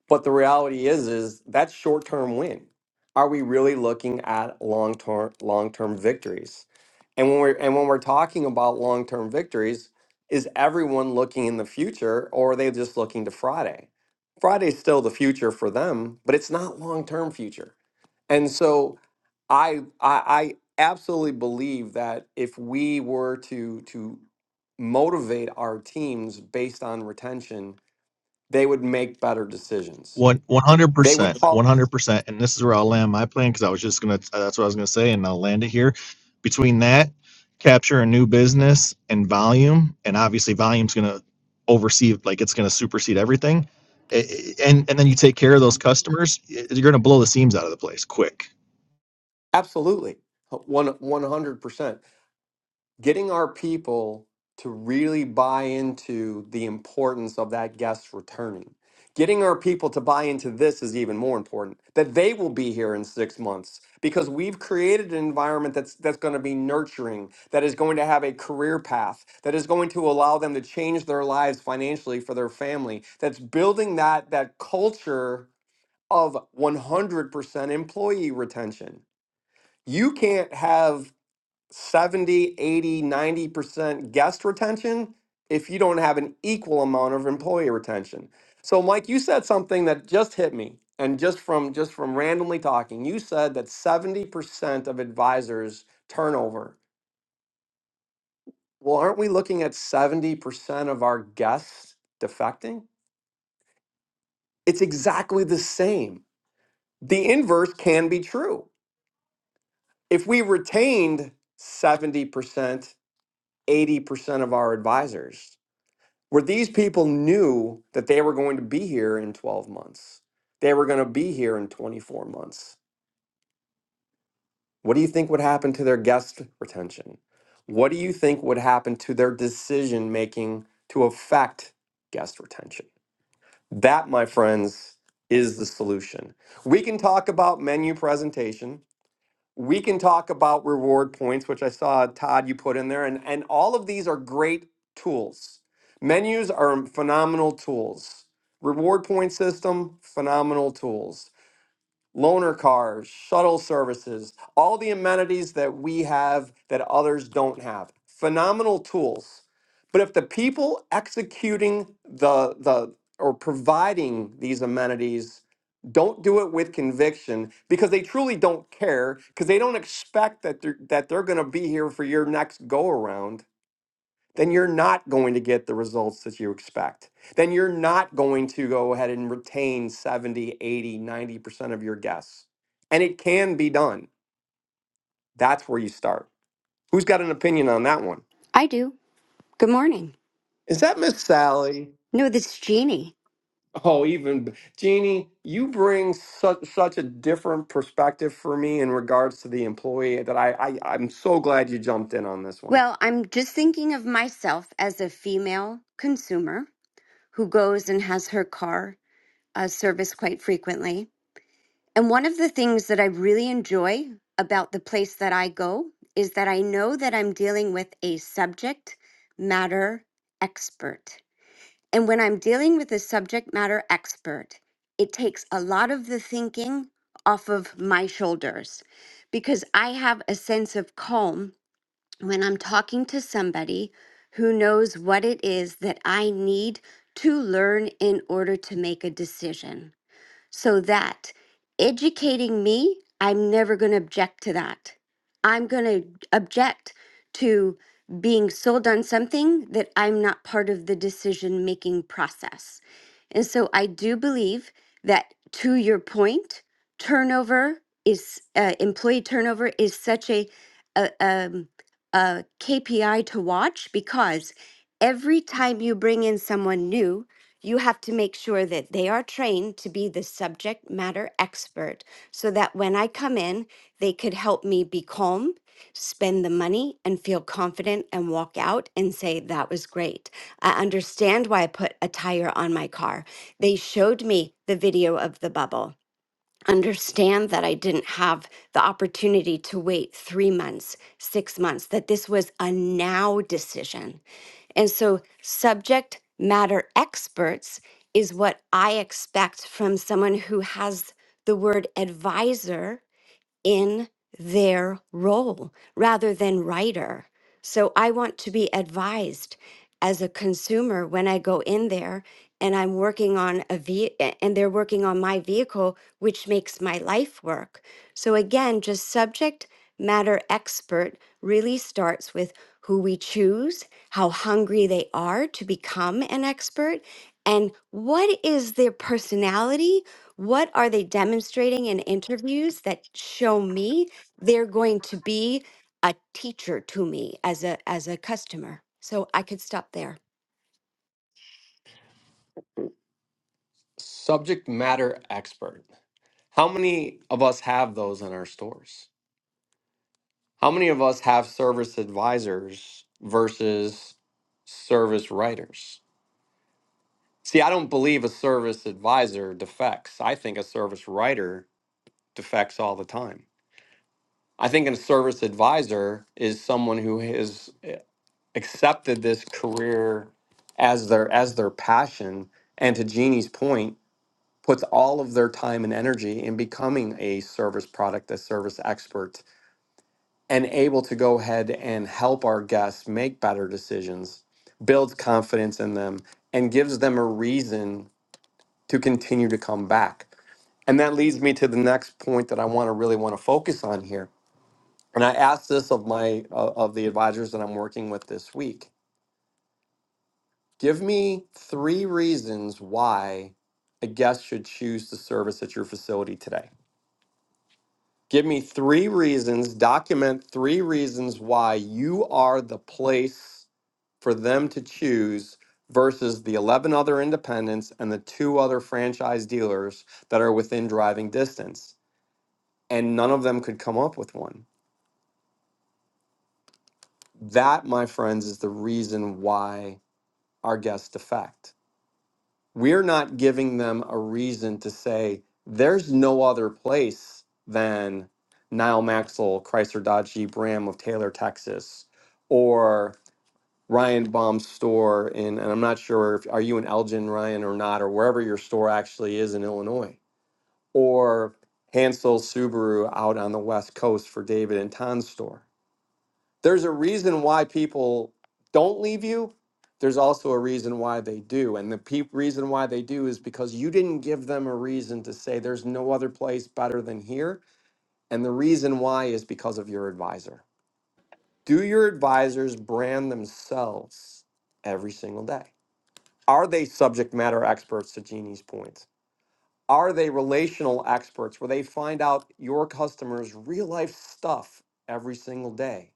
A: But the reality is, is that's short term win. Are we really looking at long term long term victories? And when we're and when we're talking about long term victories, is everyone looking in the future or are they just looking to Friday? Friday's still the future for them, but it's not long term future. And so I, I I absolutely believe that if we were to to motivate our teams based on retention, they would make better decisions
E: One one hundred
A: they
E: percent,
A: would call
E: one hundred percent, and this is where I'll land my plan because I was just gonna. uh, That's what I was gonna say, and I'll land it here. Between that, capture a new business and volume, and obviously volume's gonna oversee, like it's gonna supersede everything. A- a- And and then you take care of those customers, y- you're gonna blow the seams out of the place quick.
A: absolutely one one hundred percent. Getting our people to really buy into the importance of that guest returning. Getting our people to buy into this is even more important. That they will be here in six months because we've created an environment that's that's going to be nurturing, that is going to have a career path, that is going to allow them to change their lives financially for their family. That's building that that culture of 100% employee retention you can't have seventy, eighty, ninety percent guest retention if you don't have an equal amount of employee retention. So Mike, you said something that just hit me and just from just from randomly talking, you said that 70% of advisors turnover. Well, aren't we looking at 70% of our guests defecting? It's exactly the same. The inverse can be true. If we retained 70%, 80% of our advisors where these people knew that they were going to be here in 12 months they were going to be here in 24 months what do you think would happen to their guest retention what do you think would happen to their decision making to affect guest retention that my friends is the solution we can talk about menu presentation we can talk about reward points, which I saw Todd you put in there, and and all of these are great tools. Menus are phenomenal tools. Reward point system, phenomenal tools loaner cars, shuttle services, all the amenities that we have that others don't have. Phenomenal tools. But if the people executing the the or providing these amenities don't do it with conviction because they truly don't care because they don't expect that they're, that they're going to be here for your next go around then you're not going to get the results that you expect. Then you're not going to go ahead and retain seventy, eighty, ninety percent of your guests. And it can be done. That's where you start. Who's got an opinion on that one?
M: I do. Good morning.
A: Is that Miss Sally?
M: No, this is Jeannie.
A: Oh, even b- Jeannie, you bring such such a different perspective for me in regards to the employee that I, I I'm so glad you jumped in on this one.
M: Well, I'm just thinking of myself as a female consumer who goes and has her car uh, serviced quite frequently. And one of the things that I really enjoy about the place that I go is that I know that I'm dealing with a subject matter expert. And when I'm dealing with a subject matter expert, it takes a lot of the thinking off of my shoulders because I have a sense of calm when I'm talking to somebody who knows what it is that I need to learn in order to make a decision so that educating me, I'm never going to object to that. I'm going to object to being sold on something that I'm not part of the decision making process. And so I do believe that to your point, turnover is uh, employee turnover is such a, a, um, a KPI to watch because every time you bring in someone new, you have to make sure that they are trained to be the subject matter expert so that when I come in, they could help me be calm, spend the money, and feel confident and walk out and say, That was great. I understand why I put a tire on my car. They showed me the video of the bubble. Understand that I didn't have the opportunity to wait three months, six months, that this was a now decision and so, subject matter experts is what I expect from someone who has the word advisor in their role rather than writer. So I want to be advised as a consumer when I go in there and I'm working on a ve- and they're working on my vehicle which makes my life work. So again, just subject matter expert really starts with who we choose, how hungry they are to become an expert, and what is their personality what are they demonstrating in interviews that show me they're going to be a teacher to me as a as a customer? So I could stop there.
A: Subject matter expert. How many of us have those in our stores? How many of us have service advisors versus service writers? See, I don't believe a service advisor defects. I think a service writer defects all the time. I think a service advisor is someone who has eh, accepted this career as their as their passion and to Jeannie's point puts all of their time and energy in becoming a service product, a service expert and able to go ahead and help our guests make better decisions, builds confidence in them, and gives them a reason to continue to come back. And that leads me to the next point that I want to really want to focus on here. And I asked this of my uh, of the advisors that I'm working with this week. Give me three reasons why a guest should choose to service at your facility today. Give me three reasons, document three reasons why you are the place for them to choose versus the 11 other independents and the two other franchise dealers that are within driving distance. And none of them could come up with one. That, my friends, is the reason why our guests defect. We're not giving them a reason to say there's no other place than Nile Maxwell, Chrysler Dodge Jeep Ram of Taylor, Texas, or Ryan Baum's store in, and I'm not sure if are you in Elgin, Ryan, or not, or wherever your store actually is in Illinois, or Hansel Subaru out on the West Coast for David and Ton's store. There's a reason why people don't leave you. There's also a reason why they do, and the pe- reason why they do is because you didn't give them a reason to say there's no other place better than here, and the reason why is because of your advisor. Do your advisors brand themselves every single day? Are they subject matter experts to Jeannie's point? Are they relational experts where they find out your customers' real life stuff every single day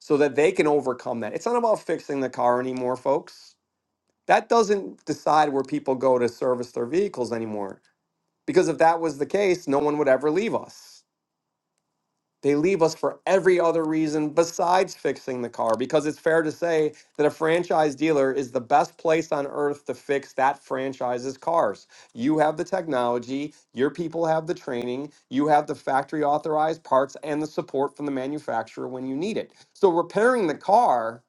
A: so that they can overcome that? It's not about fixing the car anymore, folks. That doesn't decide where people go to service their vehicles anymore. Because if that was the case, no one would ever leave us. They leave us for every other reason besides fixing the car, because it's fair to say that a franchise dealer is the best place on earth to fix that franchise's cars. You have the technology, your people have the training, you have the factory authorized parts and the support from the manufacturer when you need it. So, repairing the car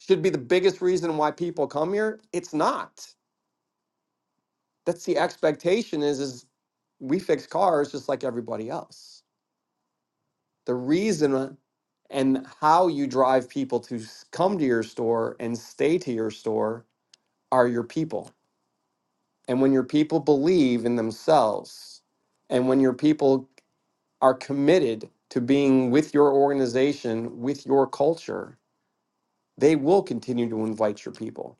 A: should be the biggest reason why people come here. It's not. That's the expectation is, is we fix cars just like everybody else. The reason and how you drive people to s- come to your store and stay to your store are your people. And when your people believe in themselves, and when your people are committed to being with your organization, with your culture, they will continue to invite your people.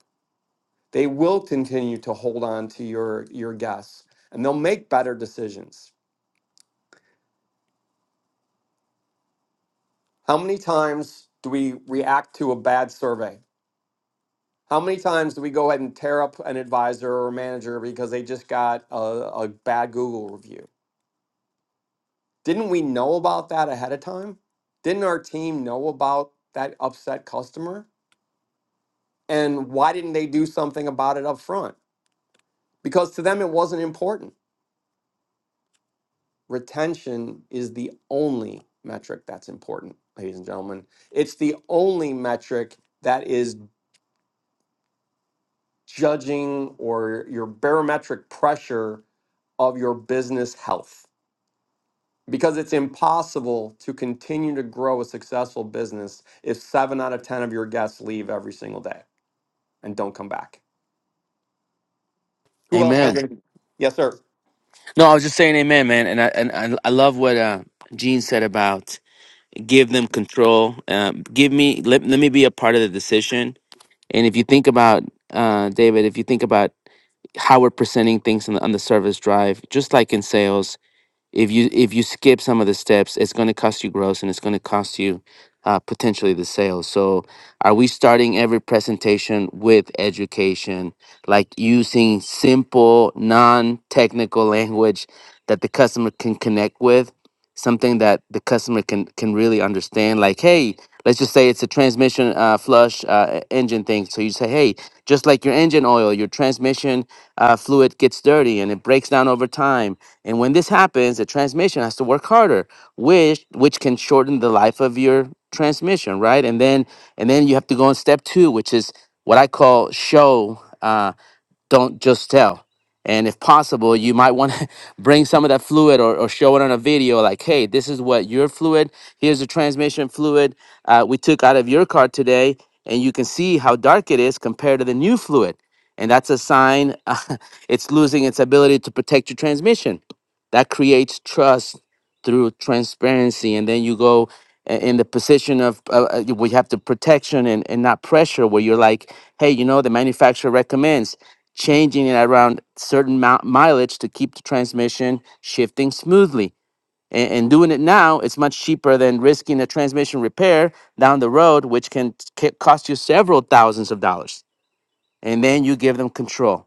A: They will continue to hold on to your, your guests and they'll make better decisions. How many times do we react to a bad survey? How many times do we go ahead and tear up an advisor or manager because they just got a, a bad Google review? Didn't we know about that ahead of time? Didn't our team know about that upset customer? And why didn't they do something about it up front? Because to them, it wasn't important. Retention is the only metric that's important, ladies and gentlemen. It's the only metric that is judging or your barometric pressure of your business health because it's impossible to continue to grow a successful business if seven out of 10 of your guests leave every single day and don't come back. Who else? has
L: Amen.
A: Yes, sir.
L: No, I was just saying amen, man. And I, and I, I love what uh, Gene said about give them control. Um, give me, let, let me be a part of the decision. And if you think about, uh, David, if you think about how we're presenting things on the, on the service drive, just like in sales, if you if you skip some of the steps it's going to cost you gross and it's going to cost you uh, potentially the sale so are we starting every presentation with education like using simple non-technical language that the customer can connect with something that the customer can can really understand like hey let's just say it's a transmission uh, flush uh, e- engine thing so you say hey just like your engine oil your transmission uh, fluid gets dirty and it breaks down over time and when this happens, the transmission has to work harder, which which can shorten the life of your transmission, right? And then and then you have to go on step two, which is what I call show. Uh, don't just tell. And if possible, you might want to bring some of that fluid or, or show it on a video like, hey, this is what your fluid, here's the transmission fluid uh, we took out of your car today, and you can see how dark it is compared to the new fluid. And that's a sign uh, it's losing its ability to protect your transmission. That creates trust through transparency. And then you go i- in the position of uh, uh, we have the protection and, and not pressure, where you're like, hey, you know, the manufacturer recommends changing it around certain mou- mileage to keep the transmission shifting smoothly. And, and doing it now, it's much cheaper than risking a transmission repair down the road, which can t- ca- cost you several thousands of dollars and then you give them control.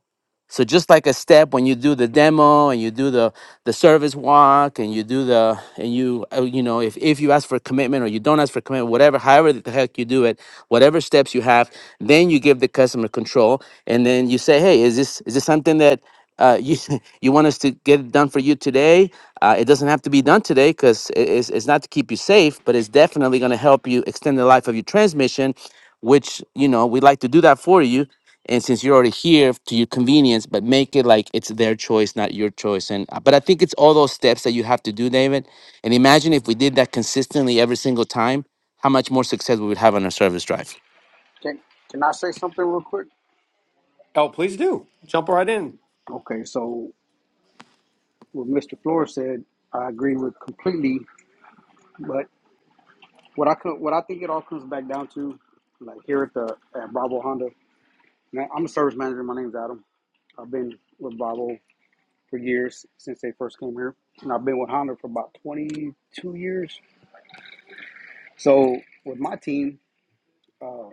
L: So just like a step when you do the demo and you do the the service walk and you do the and you uh, you know if if you ask for commitment or you don't ask for commitment whatever however the heck you do it whatever steps you have then you give the customer control and then you say hey is this is this something that uh, you you want us to get it done for you today uh, it doesn't have to be done today because it's, it's not to keep you safe but it's definitely going to help you extend the life of your transmission which you know we like to do that for you and since you're already here to your convenience but make it like it's their choice not your choice and uh, but i think it's all those steps that you have to do david and imagine if we did that consistently every single time how much more success we would have on our service drive
N: Can can I say something real quick?
A: Oh, please do. Jump right in.
N: Okay, so what Mr. Flores said, I agree with completely. But what I could, what I think it all comes back down to, like here at the at Bravo Honda, man, I'm a service manager. My name's Adam. I've been with Bravo for years since they first came here, and I've been with Honda for about 22 years. So with my team, uh,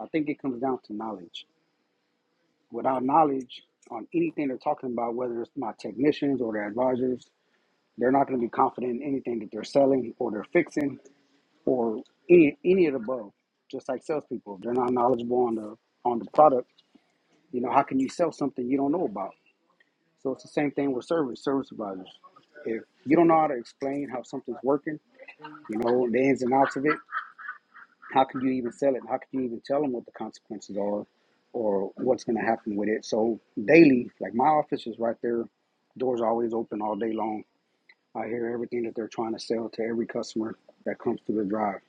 N: I think it comes down to knowledge. Without knowledge on anything they're talking about, whether it's my technicians or their advisors, They're not going to be confident in anything that they're selling or they're fixing or any any of the above. Just like salespeople, they're not knowledgeable on the on the product. You know, how can you sell something you don't know about? So it's the same thing with service service providers. If you don't know how to explain how something's working, you know the ins and outs of it, how can you even sell it? How can you even tell them what the consequences are, or what's going to happen with it? So daily, like my office is right there, doors are always open all day long I hear everything that they're trying to sell to every customer that comes through the drive.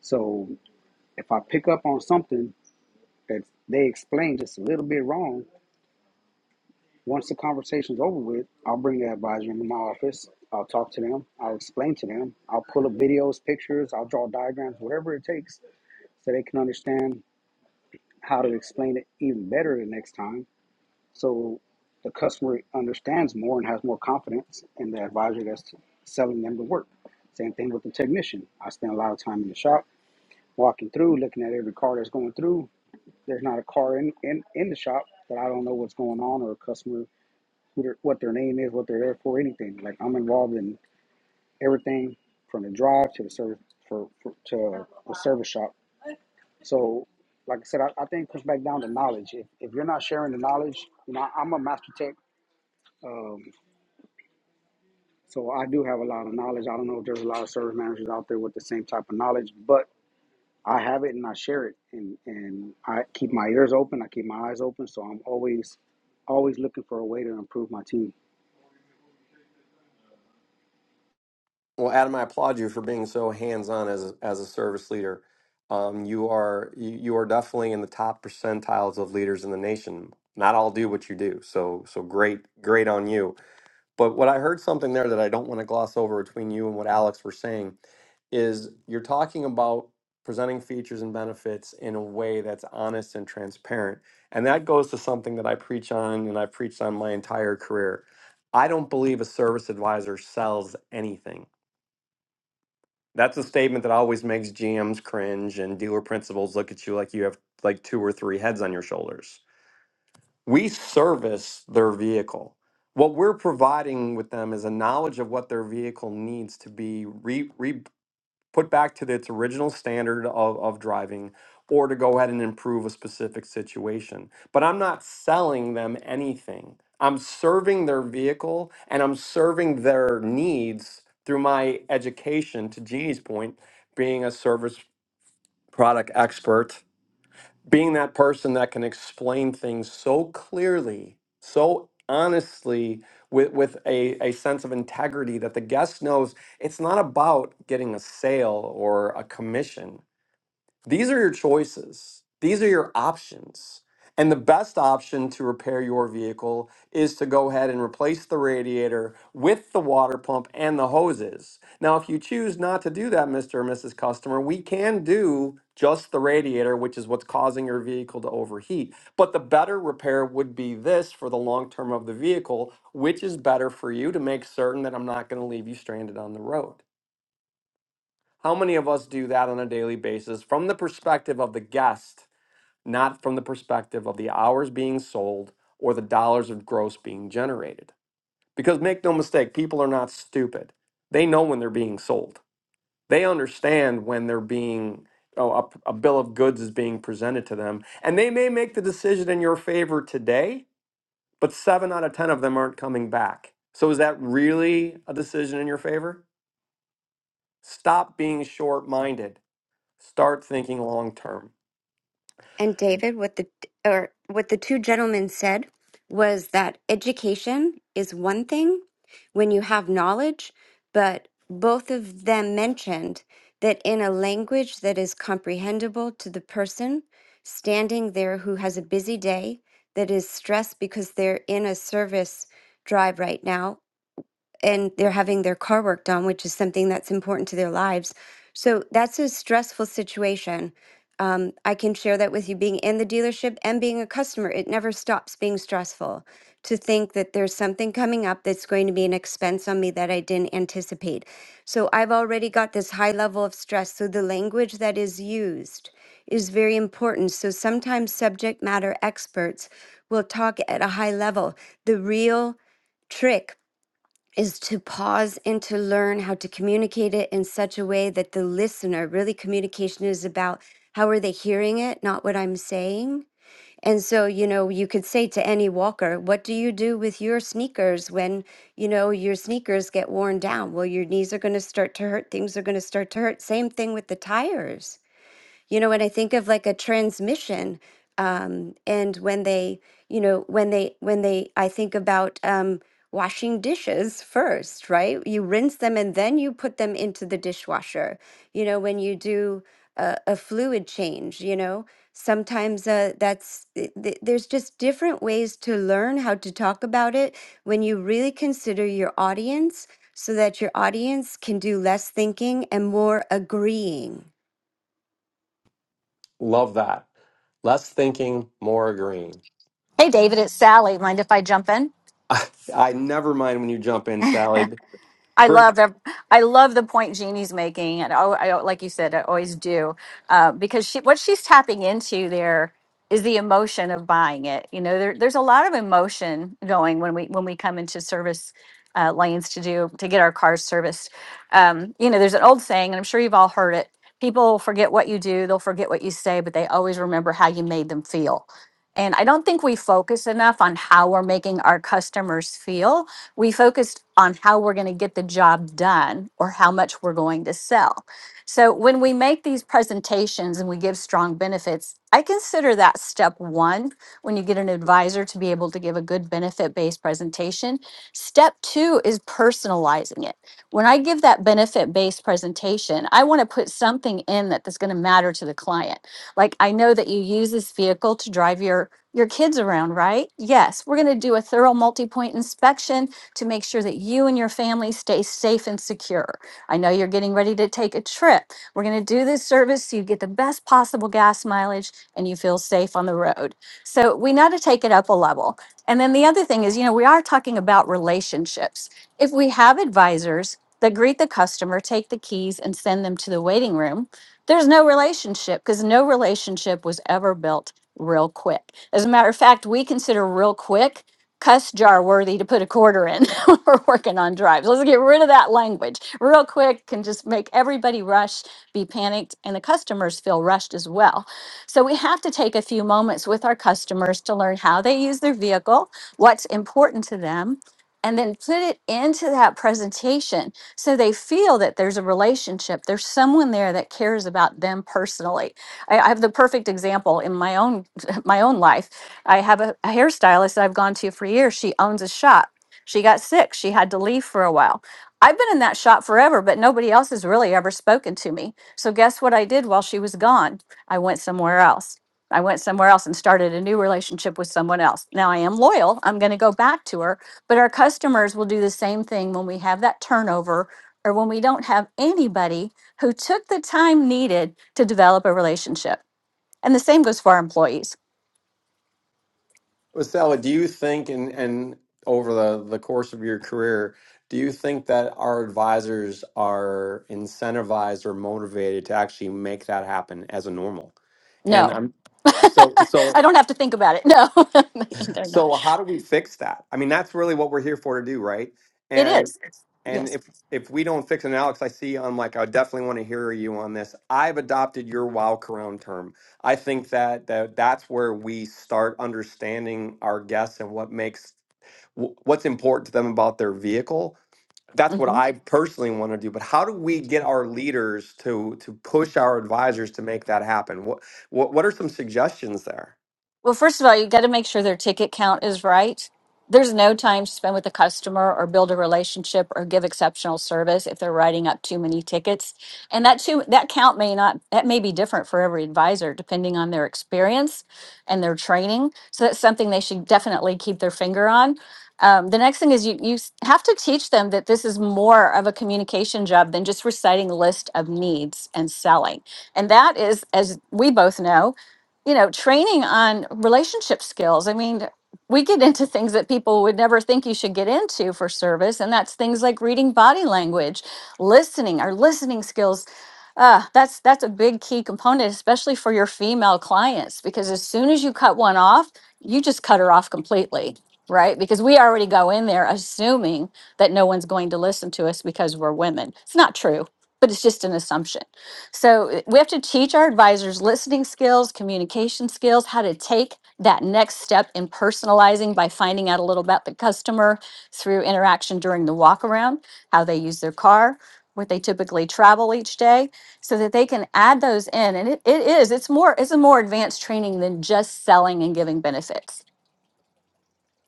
N: So if I pick up on something that they explain just a little bit wrong, once the conversation's over with, I'll bring the advisor into my office. I'll talk to them. I'll explain to them. I'll pull up videos, pictures. I'll draw diagrams, whatever it takes, so they can understand how to explain it even better the next time. So the customer understands more and has more confidence in the advisor that's selling them the work. Same thing with the technician. I spend a lot of time in the shop, walking through, looking at every car that's going through. There's not a car in, in, in the shop that I don't know what's going on or a customer, who their, what their name is, what they're there for, anything. Like I'm involved in everything from the drive to the service for, for to the service shop. So, like I said, I, I think it comes back down to knowledge. If, if you're not sharing the knowledge, you know, I'm a master tech. Um, So I do have a lot of knowledge. I don't know if there's a lot of service managers out there with the same type of knowledge, but I have it and I share it and, and I keep my ears open, I keep my eyes open. So I'm always always looking for a way to improve my team.
A: Well, Adam, I applaud you for being so hands-on as a, as a service leader. Um, you are you, you are definitely in the top percentiles of leaders in the nation. Not all do what you do, so so great great on you. But what I heard something there that I don't want to gloss over between you and what Alex were saying is you're talking about presenting features and benefits in a way that's honest and transparent. And that goes to something that I preach on and I've preached on my entire career. I don't believe a service advisor sells anything. That's a statement that always makes GMs cringe and dealer principals look at you like you have like two or three heads on your shoulders we service their vehicle. What we're providing with them is a knowledge of what their vehicle needs to be re, re put back to its original standard of, of driving or to go ahead and improve a specific situation. But I'm not selling them anything. I'm serving their vehicle and I'm serving their needs through my education, to Jeannie's point, being a service product expert being that person that can explain things so clearly, so honestly, with, with a, a sense of integrity that the guest knows it's not about getting a sale or a commission. These are your choices. These are your options. And the best option to repair your vehicle is to go ahead and replace the radiator with the water pump and the hoses. Now, if you choose not to do that, Mr. or Mrs. Customer, we can do just the radiator, which is what's causing your vehicle to overheat. But the better repair would be this for the long term of the vehicle, which is better for you to make certain that I'm not going to leave you stranded on the road. How many of us do that on a daily basis from the perspective of the guest, not from the perspective of the hours being sold or the dollars of gross being generated? Because make no mistake, people are not stupid. They know when they're being sold, they understand when they're being. Oh, a, a bill of goods is being presented to them, and they may make the decision in your favor today, but seven out of 10 of them aren't coming back. So, is that really a decision in your favor? Stop being short minded Start thinking long term.
M: and David, what the or what the two gentlemen said was that education is one thing when you have knowledge, but both of them mentioned that in a language that is comprehensible to the person standing there who has a busy day that is stressed because they're in a service drive right now and they're having their car worked on, which is something that's important to their lives. So that's a stressful situation. Um, I can share that with you being in the dealership and being a customer. It never stops being stressful to think that there's something coming up that's going to be an expense on me that I didn't anticipate. So I've already got this high level of stress. So the language that is used is very important. So sometimes subject matter experts will talk at a high level. The real trick is to pause and to learn how to communicate it in such a way that the listener really communication is about how are they hearing it, not what I'm saying. And so, you know, you could say to any walker, what do you do with your sneakers when, you know, your sneakers get worn down? Well, your knees are going to start to hurt, things are going to start to hurt. Same thing with the tires you know, when I think of like a transmission, um, and when they, you know, when they, when they, I think about um, washing dishes first, right? You rinse them and then you put them into the dishwasher. You know, when you do a, a fluid change, you know, sometimes uh, that's, th- th- there's just different ways to learn how to talk about it when you really consider your audience so that your audience can do less thinking and more agreeing
A: Love that. Less thinking, more agreeing.
J: David, it's Sally. Mind if I jump in?
A: I, I never mind when you jump in, Sally.
J: I
A: Brit,
J: love ev- I love the point Jeannie's making, and I, I like you said, I always do, uh, because she what she's tapping into there is the emotion of buying it. You know, there, there's a lot of emotion going when we when we come into service uh, lanes to do to get our cars serviced. Um, you know, there's an old saying, and I'm sure you've all heard it. People forget what you do, they'll forget what you say, but they always remember how you made them feel. And I don't think we focus enough on how we're making our customers feel we focused on how we're going to get the job done or how much we're going to sell. So when we make these presentations and we give strong benefits, I consider that step one when you get an advisor to be able to give a good benefit based presentation. Step two is personalizing it. When I give that benefit based presentation, I want to put something in that that's going to matter to the client. Like I know that you use this vehicle to drive your your kids around, right? Yes, we're going to do a thorough multi-point inspection to make sure that you and your family stay safe and secure. I know you're getting ready to take a trip. We're going to do this service so you get the best possible gas mileage and you feel safe on the road. So we know to take it up a level. And then the other thing is, you know, we are talking about relationships. If we have advisors that greet the customer, take the keys, and send them to the waiting room, there's no relationship because no relationship was ever built real quick. As a matter of fact, we consider real quick cuss jar worthy to put a quarter in. when We're working on drives. Let's get rid of that language real quick and just make everybody rush, be panicked, and the customers feel rushed as well. So we have to take a few moments with our customers to learn how they use their vehicle, what's important to them. And then put it into that presentation so they feel that there's a relationship. There's someone there that cares about them personally. I, I have the perfect example in my own my own life I have a, a hairstylist that I've gone to for years. She owns a shop. She got sick. She had to leave for a while. I've been in that shop forever, but nobody else has really ever spoken to me. So guess what I did while she was gone? I went somewhere else. I went somewhere else and started a new relationship with someone else. Now I am loyal. I'm going to go back to her, but our customers will do the same thing when we have that turnover or when we don't have anybody who took the time needed to develop a relationship. And the same goes for our employees.
A: well, Sally, do you think, and and over the the course of your career, do you think that our advisors are incentivized or motivated to actually make that happen as a normal?
J: No,
A: And I'm so
J: I
A: so
J: don't have to think about it. No, they're not.
A: So how do we fix that? I mean, that's really what we're here for to do, right?
J: It
A: And
J: is.
A: and
J: Yes.
A: if if we don't fix it, and Alex, I see I'm like, I definitely want to hear you on this. I've adopted your wow crown term. I think that that that's where we start understanding our guests and what makes wh- what's important to them about their vehicle. That's what
J: Mhm.
A: I personally want to do. But how do we get our leaders to to push our advisors to make that happen? What what, what are some suggestions there?
J: Well, first of all, you got to make sure their ticket count is right. There's no time to spend with a customer or build a relationship or give exceptional service if they're writing up too many tickets. And that too that count may not that may be different for every advisor depending on their experience and their training. So that's something they should definitely keep their finger on. Um, the next thing is you you s- have to teach them that this is more of a communication job than just reciting a list of needs and selling. And that is, as we both know, you know, training on relationship skills. I mean, we get into things that people would never think you should get into for service, and that's things like reading body language, listening, our listening skills. Uh, that's that's a big key component, especially for your female clients, because as soon as you cut one off, you just cut her off completely, right? Because we already go in there assuming that no one's going to listen to us because we're women. It's not true, but it's just an assumption. So uh, we have to teach our advisors listening skills, communication skills, how to take that next step in personalizing by finding out a little about the customer through interaction during the walk around, how they use their car, what they typically travel each day, so that they can add those in. And it, it is, it's more, it's a more advanced training than just selling and giving benefits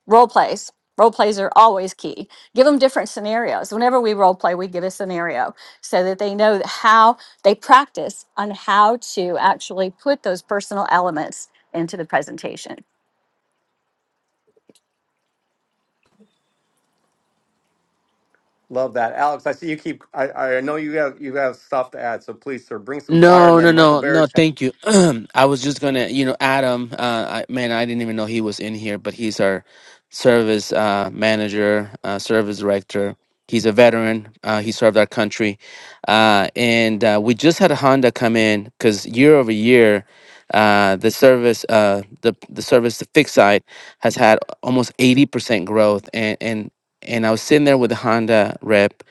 J: role plays role plays are always key give them different scenarios whenever we role play we give a scenario so that they know that how they practice on how to actually put those personal elements into the presentation
A: Love that, Alex. I see you keep. I, I know you have you have stuff to add, so please, sir, bring some fire. And
L: No, no,
A: then Michael
L: no, no.
A: Barrett,
L: Thank you. I was just gonna, you know, Adam. Uh, I, man, I didn't even know he was in here, but he's our service uh, manager, uh, service director. He's a veteran. Uh, he served our country, uh, and uh, we just had a Honda come in because year over year, uh, the service, uh, the the service, the fixed side has had almost eighty percent growth, and and and I was sitting there with the Honda rep,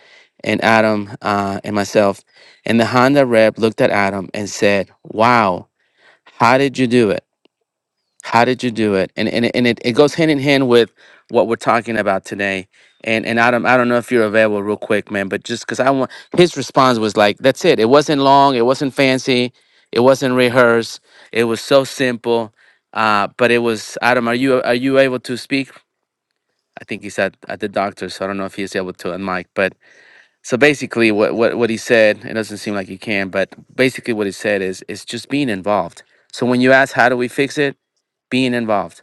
L: and Adam uh, and myself and the Honda rep looked at Adam and said, Wow, how did you do it? How did you do it? And and, and it, it goes hand in hand with what we're talking about today. And and Adam, I don't know if you're available real quick, man, but just because I want his response was like, That's it. It wasn't long, it wasn't fancy, it wasn't rehearsed, it was so simple. Uh, but it was Adam, are you are you able to speak? I think he's at, at the doctor, so I don't know if he's able to unmic, but so basically, what, what, what he said, it doesn't seem like you can, but basically, what he said is it's just being involved. So when you ask, how do we fix it? Being involved.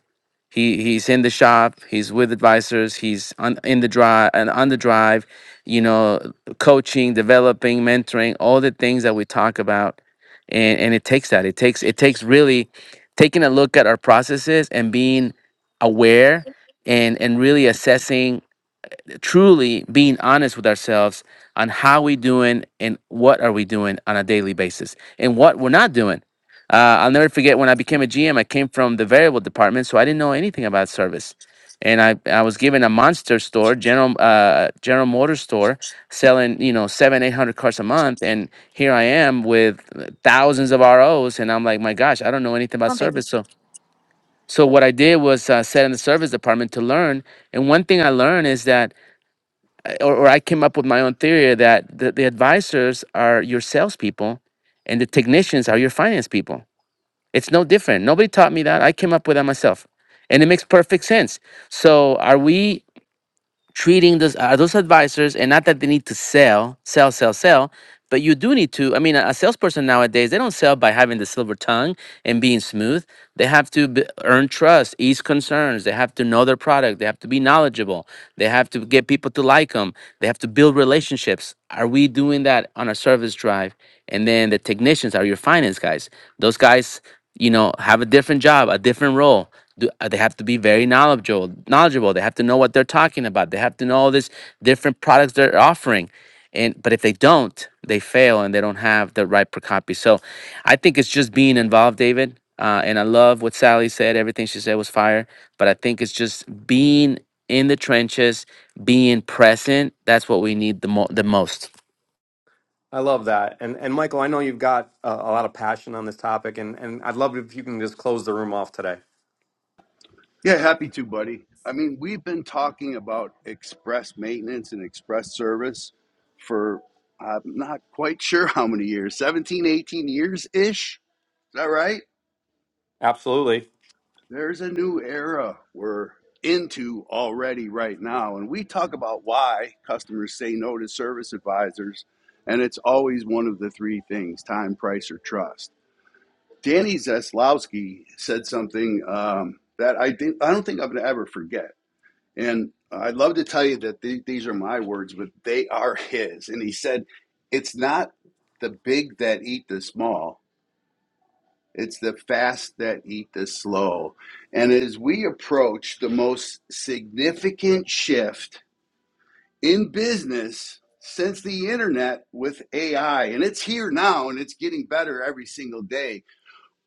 L: He he's in the shop. He's with advisors. He's on in the drive and on the drive. You know, coaching, developing, mentoring, all the things that we talk about, and and it takes that. It takes it takes really taking a look at our processes and being aware
J: come
L: and and really assessing truly being honest with ourselves on how we doing and what are we doing on a daily basis and what we're not doing. Uh, I'll never forget when I became a GM, I came from the variable department, so I didn't know anything about service. And I, I was given a monster store, General uh, General Motors store, selling you know seven eight hundred cars a month, and here I am with thousands of ROs, and I'm like, my gosh, I don't know anything about
J: on baby
L: service. So so what I did was uh, set in the service department to learn, and one thing I learned is that or, or I came up with my own theory that the, the advisors are your salespeople and the technicians are your finance people. It's no different. Nobody taught me that. I came up with that myself. And it makes perfect sense. So are we treating those uh, those advisors and not that they need to sell sell sell sell but you do need to i mean a a salesperson nowadays they don't sell by having the silver tongue and being smooth they have to b earn trust ease concerns they have to know their product they have to be knowledgeable they have to get people to like them they have to build relationships are we doing that on our service drive and then the technicians are your finance guys those guys you know have a different job a different role do- uh, they have to be very knowledgeable knowledgeable they have to know what they're talking about they have to know all these different products they're offering and but if they don't they fail and they don't have the right per copy so i think it's just being involved david uh, and i love what sally said everything she said was fire but i think it's just being in the trenches being present that's what we need the, mo- the most
A: I love that. And and Michael, I know you've got a, a lot of passion on this topic, and and I'd love if you can just close the room off today.
C: Yeah, happy to, buddy. I mean, we've been talking about express maintenance and express service for I'm not quite sure how many years 17, 18 years ish. Is that right?
A: Absolutely.
C: There's a new era we're into already right now. And we talk about why customers say no to service advisors. And it's always one of the three things time, price, or trust. Danny Zeslowski said something um, that I, think, I don't think I'm going to ever forget. And I'd love to tell you that the- these are my words, but they are his. And he said, It's not the big that eat the small, it's the fast that eat the slow. And as we approach the most significant shift in business since the internet with AI, and it's here now and it's getting better every single day,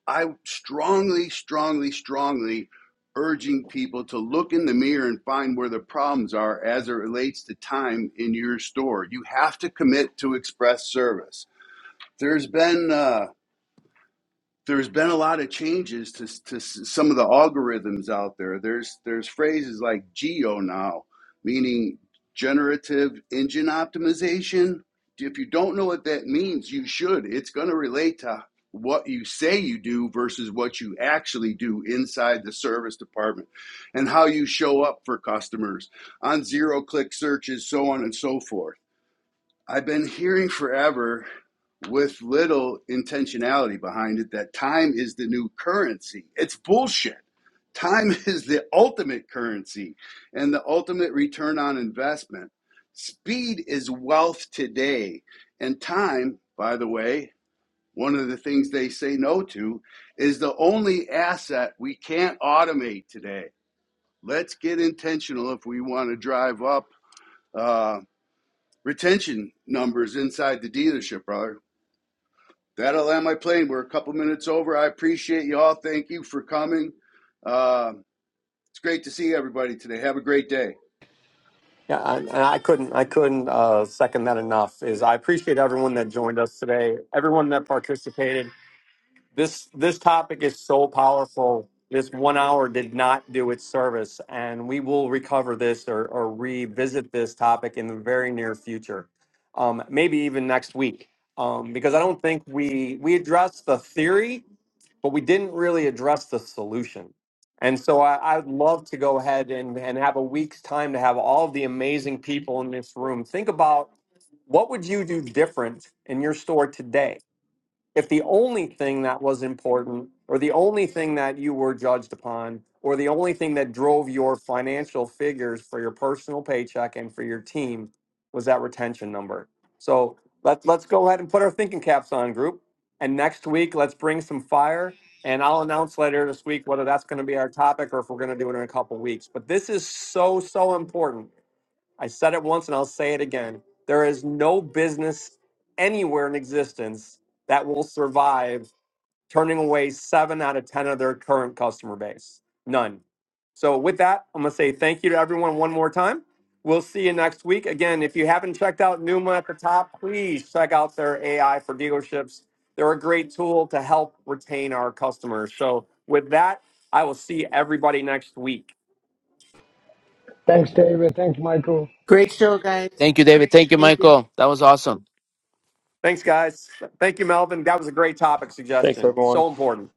C: I strongly, strongly, strongly urging people to look in the mirror and find where the problems are as it relates to time in your store. You have to commit to express service. There's been uh, there's been a lot of changes to, to s- some of the algorithms out there. There's there's phrases like geo now, meaning generative engine optimization. If you don't know what that means, you should. It's going to relate to what you say you do versus what you actually do inside the service department and how you show up for customers on zero click searches so on and so forth I've been hearing forever with little intentionality behind it that time is the new currency. It's bullshit. Time is the ultimate currency and the ultimate return on investment. Speed is wealth today. And time, by the way, one of the things they say no to is the only asset we can't automate today. Let's get intentional if we want to drive up. uh, retention numbers inside the dealership, brother. That'll land my plane. We're a couple minutes over. I appreciate you all. Thank you for coming. Uh, it's great to see everybody today. Have a great day.
A: Yeah, I, and I couldn't I couldn't uh, second that enough. Is I appreciate everyone that joined us today, everyone that participated. this this topic is so powerful. This one hour did not do its service, and we will recover this or, or revisit this topic in the very near future, um, maybe even next week, um, because I don't think we we addressed the theory, but we didn't really address the solution. And so I, I would love to go ahead and, and have a week's time to have all of the amazing people in this room think about what would you do different in your store today if the only thing that was important or the only thing that you were judged upon or the only thing that drove your financial figures for your personal paycheck and for your team was that retention number. So let, let's go ahead and put our thinking caps on, group. And next week, let's bring some fire. And I'll announce later this week whether that's going to be our topic or if we're going to do it in a couple weeks. But this is so, so important I said it once and I'll say it again. There is no business anywhere in existence that will survive turning away seven out of 10 of their current customer base. None. So, with that, I'm going to say thank you to everyone one more time. We'll see you next week. Again, if you haven't checked out Numa at the top, please check out their AI for dealerships. They're a great tool to help retain our customers. So, with that, I will see everybody next week.
F: Thanks, David. Thanks, Michael.
B: Great show, guys.
L: thank you david thank you
B: Thank you.
L: michael that was awesome
A: Thanks, guys. Thank you, Melvin. That was a great topic
O: Thanks,
A: suggestion.
O: everyone.
A: So important.